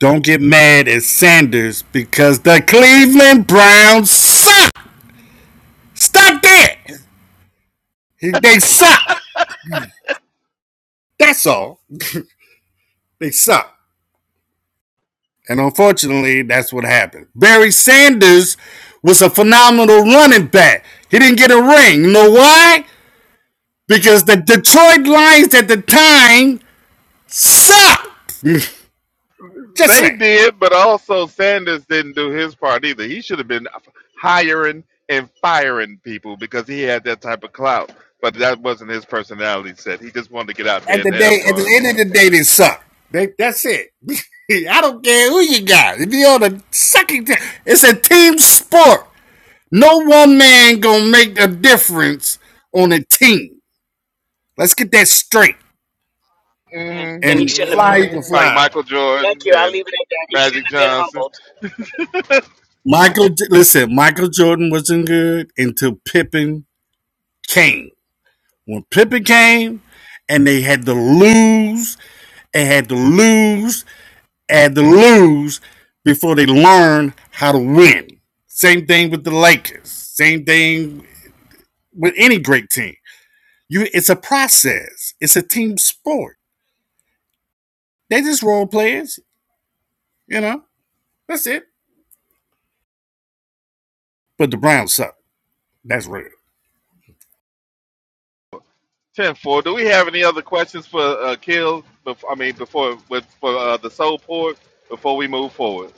[SPEAKER 4] don't get mad at Sanders because the Cleveland Browns suck. Stop that. They suck. That's all. They suck. And unfortunately, that's what happened. Barry Sanders was a phenomenal running back. He didn't get a ring. You know why? because the Detroit Lions at the time sucked. Just
[SPEAKER 3] They
[SPEAKER 4] saying.
[SPEAKER 3] did, but also Sanders didn't do his part either. He should have been hiring and firing people because he had that type of clout. But that wasn't his personality set. He just wanted to get out
[SPEAKER 4] At
[SPEAKER 3] there and
[SPEAKER 4] the
[SPEAKER 3] have
[SPEAKER 4] day, at the
[SPEAKER 3] fun.
[SPEAKER 4] end of the day, they suck. They, that's it. I don't care who you got. If you're on a sucking team, it's a team sport. No one man gonna make a difference on a team. Let's get that straight.
[SPEAKER 1] And then he
[SPEAKER 3] Mm-hmm.
[SPEAKER 4] And
[SPEAKER 1] shouldn't have been.
[SPEAKER 4] fly, you
[SPEAKER 3] Mm-hmm.
[SPEAKER 4] can
[SPEAKER 3] Like
[SPEAKER 4] fly.
[SPEAKER 3] Michael
[SPEAKER 1] Thank
[SPEAKER 3] Jordan
[SPEAKER 1] you. I'll
[SPEAKER 3] and
[SPEAKER 1] leave it at that. He
[SPEAKER 3] Magic
[SPEAKER 1] shouldn't have been
[SPEAKER 3] Johnson.
[SPEAKER 1] humbled.
[SPEAKER 4] Michael, listen, Michael Jordan wasn't good until Pippen came. When Pippen came, and they had to lose and had to lose and to lose before they learn how to win. Same thing with the Lakers. Same thing with any great team. You, it's a process. It's a team sport. They just role players, you know. That's it. But the Browns suck. That's real.
[SPEAKER 3] Ten four. Do we have any other questions for uh, Kill? Before, I mean, before with for uh, the Soul Port before we move forward.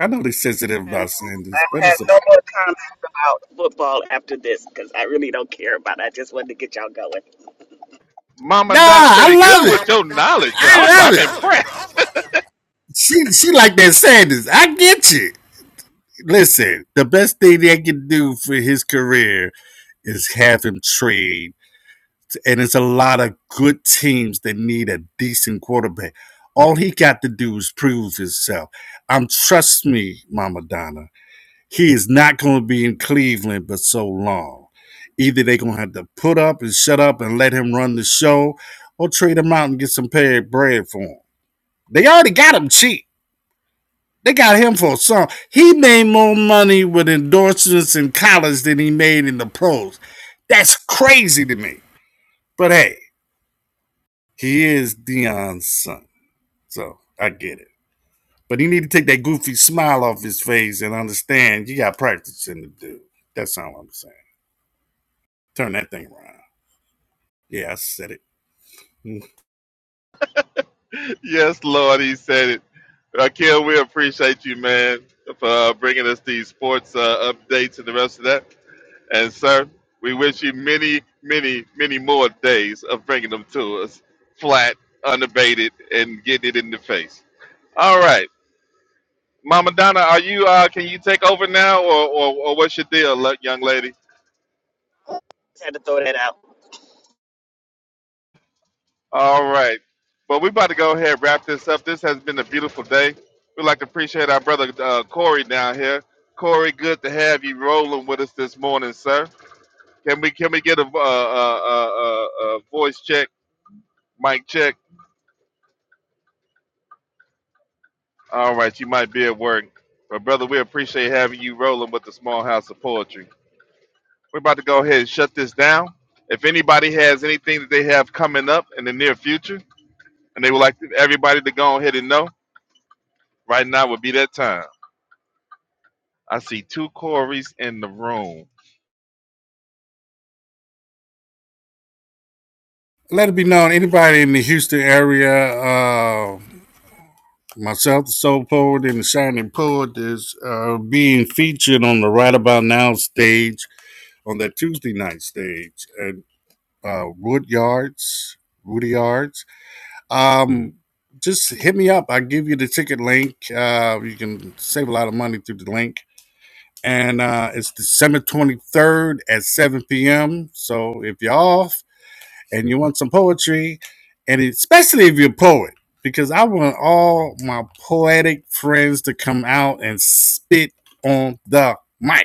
[SPEAKER 4] I know they are sensitive
[SPEAKER 1] And
[SPEAKER 4] about saying this, but
[SPEAKER 1] I have
[SPEAKER 4] it's a
[SPEAKER 1] no
[SPEAKER 4] nah.
[SPEAKER 1] more comments about football after this because I really don't care about it. I just wanted to get y'all going.
[SPEAKER 3] Mama, not
[SPEAKER 4] I
[SPEAKER 3] pretty
[SPEAKER 4] love
[SPEAKER 3] good with your
[SPEAKER 4] it.
[SPEAKER 3] knowledge.
[SPEAKER 4] I
[SPEAKER 3] I'm, I'm
[SPEAKER 4] love it.
[SPEAKER 3] impressed.
[SPEAKER 4] She she like that Sanders. I get you. Listen, the best thing they can do for his career is having trade, and it's a lot of good teams that need a decent quarterback. All he got to do is prove himself. Um, trust me, Mama Donna, he is not going to be in Cleveland for so long. Either they're going to have to put up and shut up and let him run the show, or trade him out and get some paid bread for him. They already got him cheap. They got him for a song. He made more money with endorsements in college than he made in the pros. That's crazy to me. But hey, he is Dion's son, so I get it. But he need to take that goofy smile off his face and understand you got practice in the dude. That's all I'm saying. Turn that thing around. Yeah, I said it. Mm.
[SPEAKER 3] Yes, Lord, he said it. Raquel, we appreciate you, man, for uh, bringing us these sports uh, updates and the rest of that. And, sir, we wish you many, many, many more days of bringing them to us flat, unabated, and getting it in the face. All right. Mama Donna, are you? Uh, can you take over now, or, or, or what's your deal, le- young lady?
[SPEAKER 1] Just had to throw that out.
[SPEAKER 3] All right. Well, we're about to go ahead and wrap this up. This has been a beautiful day. We'd like to appreciate our brother uh, Corey down here. Corey, good to have you rolling with us this morning, sir. Can we can we get a, uh, uh, uh, uh, uh, voice check, mic check? All right, you might be at work, but brother, we appreciate having you rolling with the Small House of Poetry. We're about to go ahead and shut this down. If anybody has anything that they have coming up in the near future, and they would like everybody to go ahead and know, right now would be that time. I see two Corys in the room.
[SPEAKER 4] Let it be known, anybody in the Houston area, uh, myself, the Soul Poet, and the Shining Poet is uh, being featured on the Right About Now stage on that Tuesday night stage at uh, Wood Yards, Woody Yards Um, just hit me up. I give you the ticket link. Uh, you can save a lot of money through the link. And uh, it's December 23rd at 7 p.m. So if you're off and you want some poetry, and especially if you're a poet, because I want all my poetic friends to come out and spit on the mic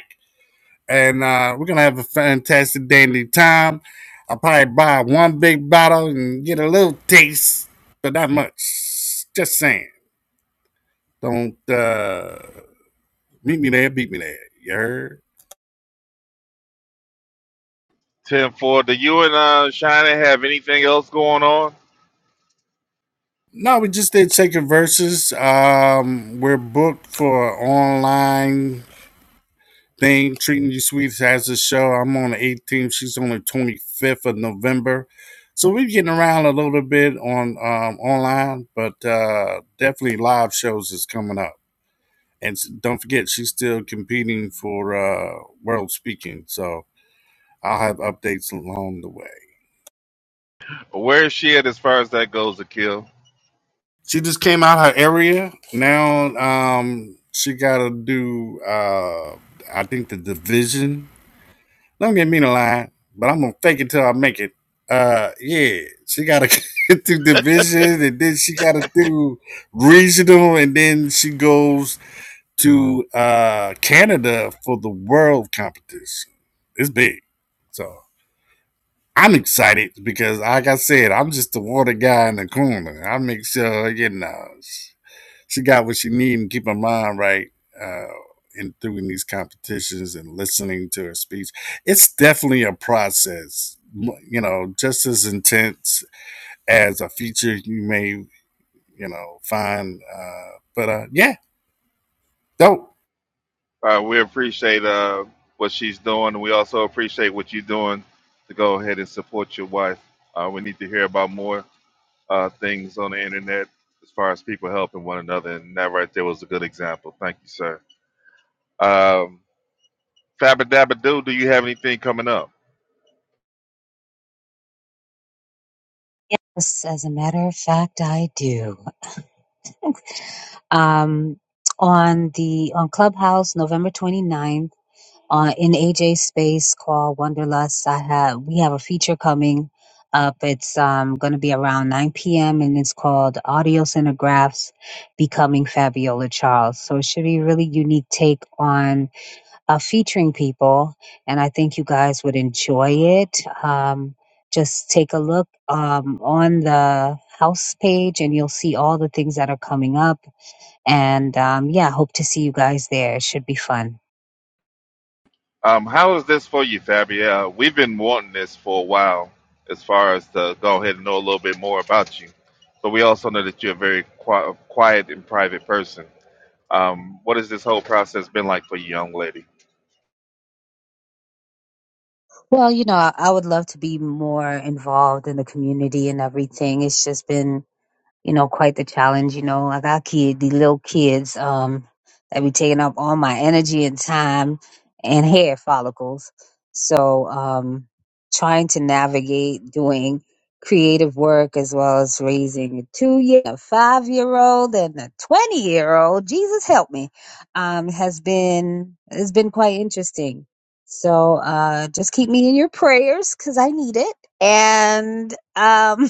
[SPEAKER 4] and uh, we're gonna have a fantastic dandy time. I'll probably buy one big bottle and get a little taste, but not much. Just saying. Don't uh, meet me there, beat me there. You heard?
[SPEAKER 3] Ten four, do you and uh Shina have anything else going on?
[SPEAKER 4] No, we just did Shaker Versus. Um, we're booked for online They ain't treating you sweet has a show. I'm on the 18th. She's on the 25th of November. So we're getting around a little bit on um, online, but uh, definitely live shows is coming up. And don't forget, she's still competing for uh, world speaking. So I'll have updates along the way.
[SPEAKER 3] Where is she at as far as that goes Akil,
[SPEAKER 4] She just came out her area. Now um, she got to do, uh, I think, the division Don't get me to line, but I'm gonna fake it till I make it. Uh, yeah, she gotta get through division, and then she gotta do regional, and then she goes Mm. to uh Canada for the world competition. It's big, so I'm excited because, like I said, I'm just the water guy in the corner. I make sure you know she got what she need and keep her mind right uh, in doing these competitions and listening to her speech. It's definitely a process, you know, just as intense as a feature you may, you know, find. Uh, but uh, yeah, dope.
[SPEAKER 3] Uh, we appreciate uh what she's doing and we also appreciate what you're doing to go ahead and support your wife. Uh, we need to hear about more uh things on the internet as far as people helping one another and that right there was a good example. Thank you, sir. Um Fabba Dabba Doo, do you have anything coming up?
[SPEAKER 10] Yes, as a matter of fact, I do. Um, on the on Clubhouse, November 29th, uh, in AJ's space called Wonderlust, I have we have a feature coming up. It's um, going to be around 9 p.m. and it's called Audio Cinegraphs Becoming Fabiola Charles. So it should be a really unique take on uh, featuring people, and I think you guys would enjoy it. Um, just take a look um, on the house page, and you'll see all the things that are coming up. And um, yeah, hope to see you guys there. It should be fun.
[SPEAKER 3] Um, how is this for you, Fabio? We've been wanting this for a while, as far as to go ahead and know a little bit more about you. But we also know that you're a very qui- quiet and private person. Um, what has this whole process been like for you, young lady?
[SPEAKER 10] Well, you know, I I would love to be more involved in the community and everything. It's just been you know, quite the challenge, you know, like our kid, the little kids, um, that be taking up all my energy and time and hair follicles. So, um, trying to navigate doing creative work as well as raising a two year, a five year old and a 20 year old, Jesus help me, um, has been, has been quite interesting. So, uh, just keep me in your prayers cause I need it. And, um,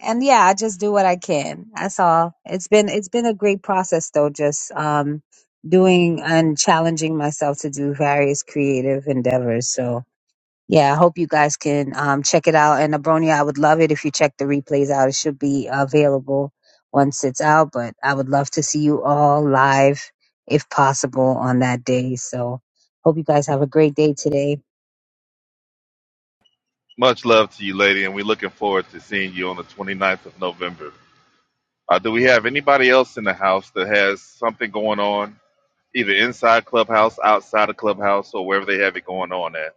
[SPEAKER 10] and yeah, I just do what I can. That's all. It's been it's been a great process though, just um doing and challenging myself to do various creative endeavors. So yeah, I hope you guys can um check it out. And Abronia, I would love it if you check the replays out. It should be available once it's out, but I would love to see you all live if possible on that day. So hope you guys have a great day today.
[SPEAKER 3] Much love to you, lady, and we're looking forward to seeing you on the 29th of November. Uh, do we have anybody else in the house that has something going on, either inside Clubhouse, outside of Clubhouse, or wherever they have it going on at?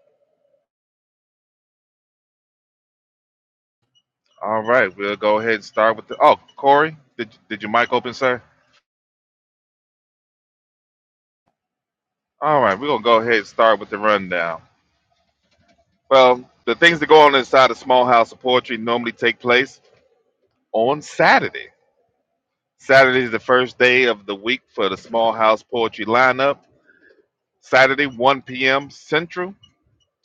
[SPEAKER 3] All right, we'll go ahead and start with the. Oh, Corey, did did your mic open, sir? All right, we're gonna go ahead and start with the rundown. Well, the things that go on inside a small house of poetry normally take place on Saturday. Saturday is the first day of the week for the small house poetry lineup. Saturday, 1 p.m. Central,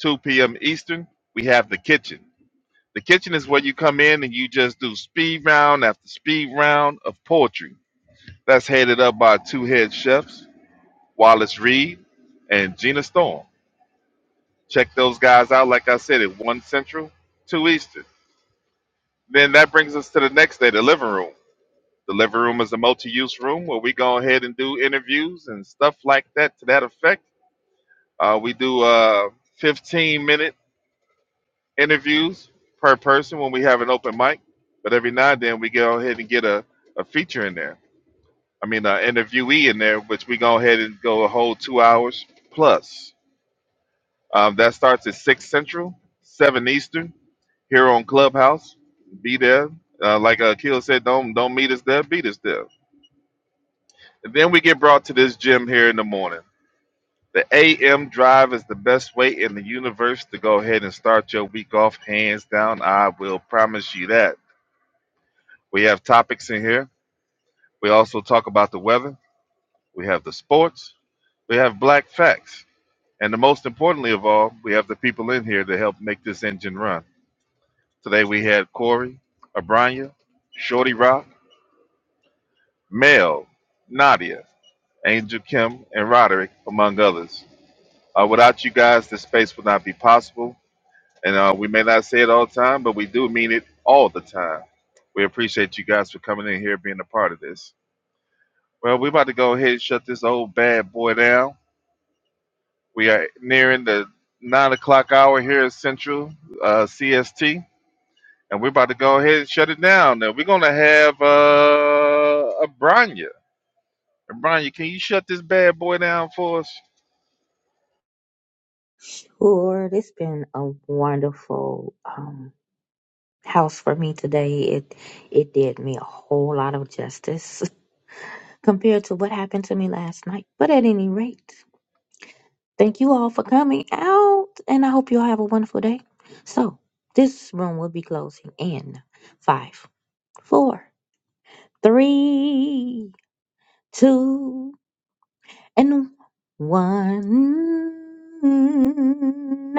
[SPEAKER 3] 2 p.m. Eastern. We have the kitchen. The kitchen is where you come in and you just do speed round after speed round of poetry. That's headed up by two head chefs. Wallace Reed, and Gina Storm. Check those guys out, like I said, at 1 Central, 2 Eastern. Then that brings us to the next day, the living room. The living room is a multi use room where we go ahead and do interviews and stuff like that to that effect. Uh, we do uh, 15 minute interviews per person when we have an open mic, but every now and then we go ahead and get a, a feature in there. I mean, an interviewee in there, which we go ahead and go a whole two hours plus. Um, that starts at 6 Central, 7 Eastern, here on Clubhouse. Be there. Uh, like Akil said, don't don't meet us there, beat us there. And then we get brought to this gym here in the morning. The AM drive is the best way in the universe to go ahead and start your week off, hands down. I will promise you that. We have topics in here. We also talk about the weather. We have the sports. We have black facts. And the most importantly of all, we have the people in here to help make this engine run. Today we had Corey, Abranya, Shorty Rock, Mel, Nadia, Angel Kim, and Roderick, among others. Uh, without you guys, this space would not be possible. And uh, we may not say it all the time, but we do mean it all the time. We appreciate you guys for coming in here, being a part of this. Well, we're about to go ahead and shut this old bad boy down. We are nearing the nine o'clock hour here at Central uh, CST. and we're about to go ahead and shut it down. Now we're gonna have uh, a Branya. Branya, can you shut this bad boy down for us?
[SPEAKER 7] Lord, it's been a wonderful um, house for me today. It it did me a whole lot of justice compared to what happened to me last night. But at any rate, thank you all for coming out and I hope you all have a wonderful day. So this room will be closing in five, four, three, two, and one.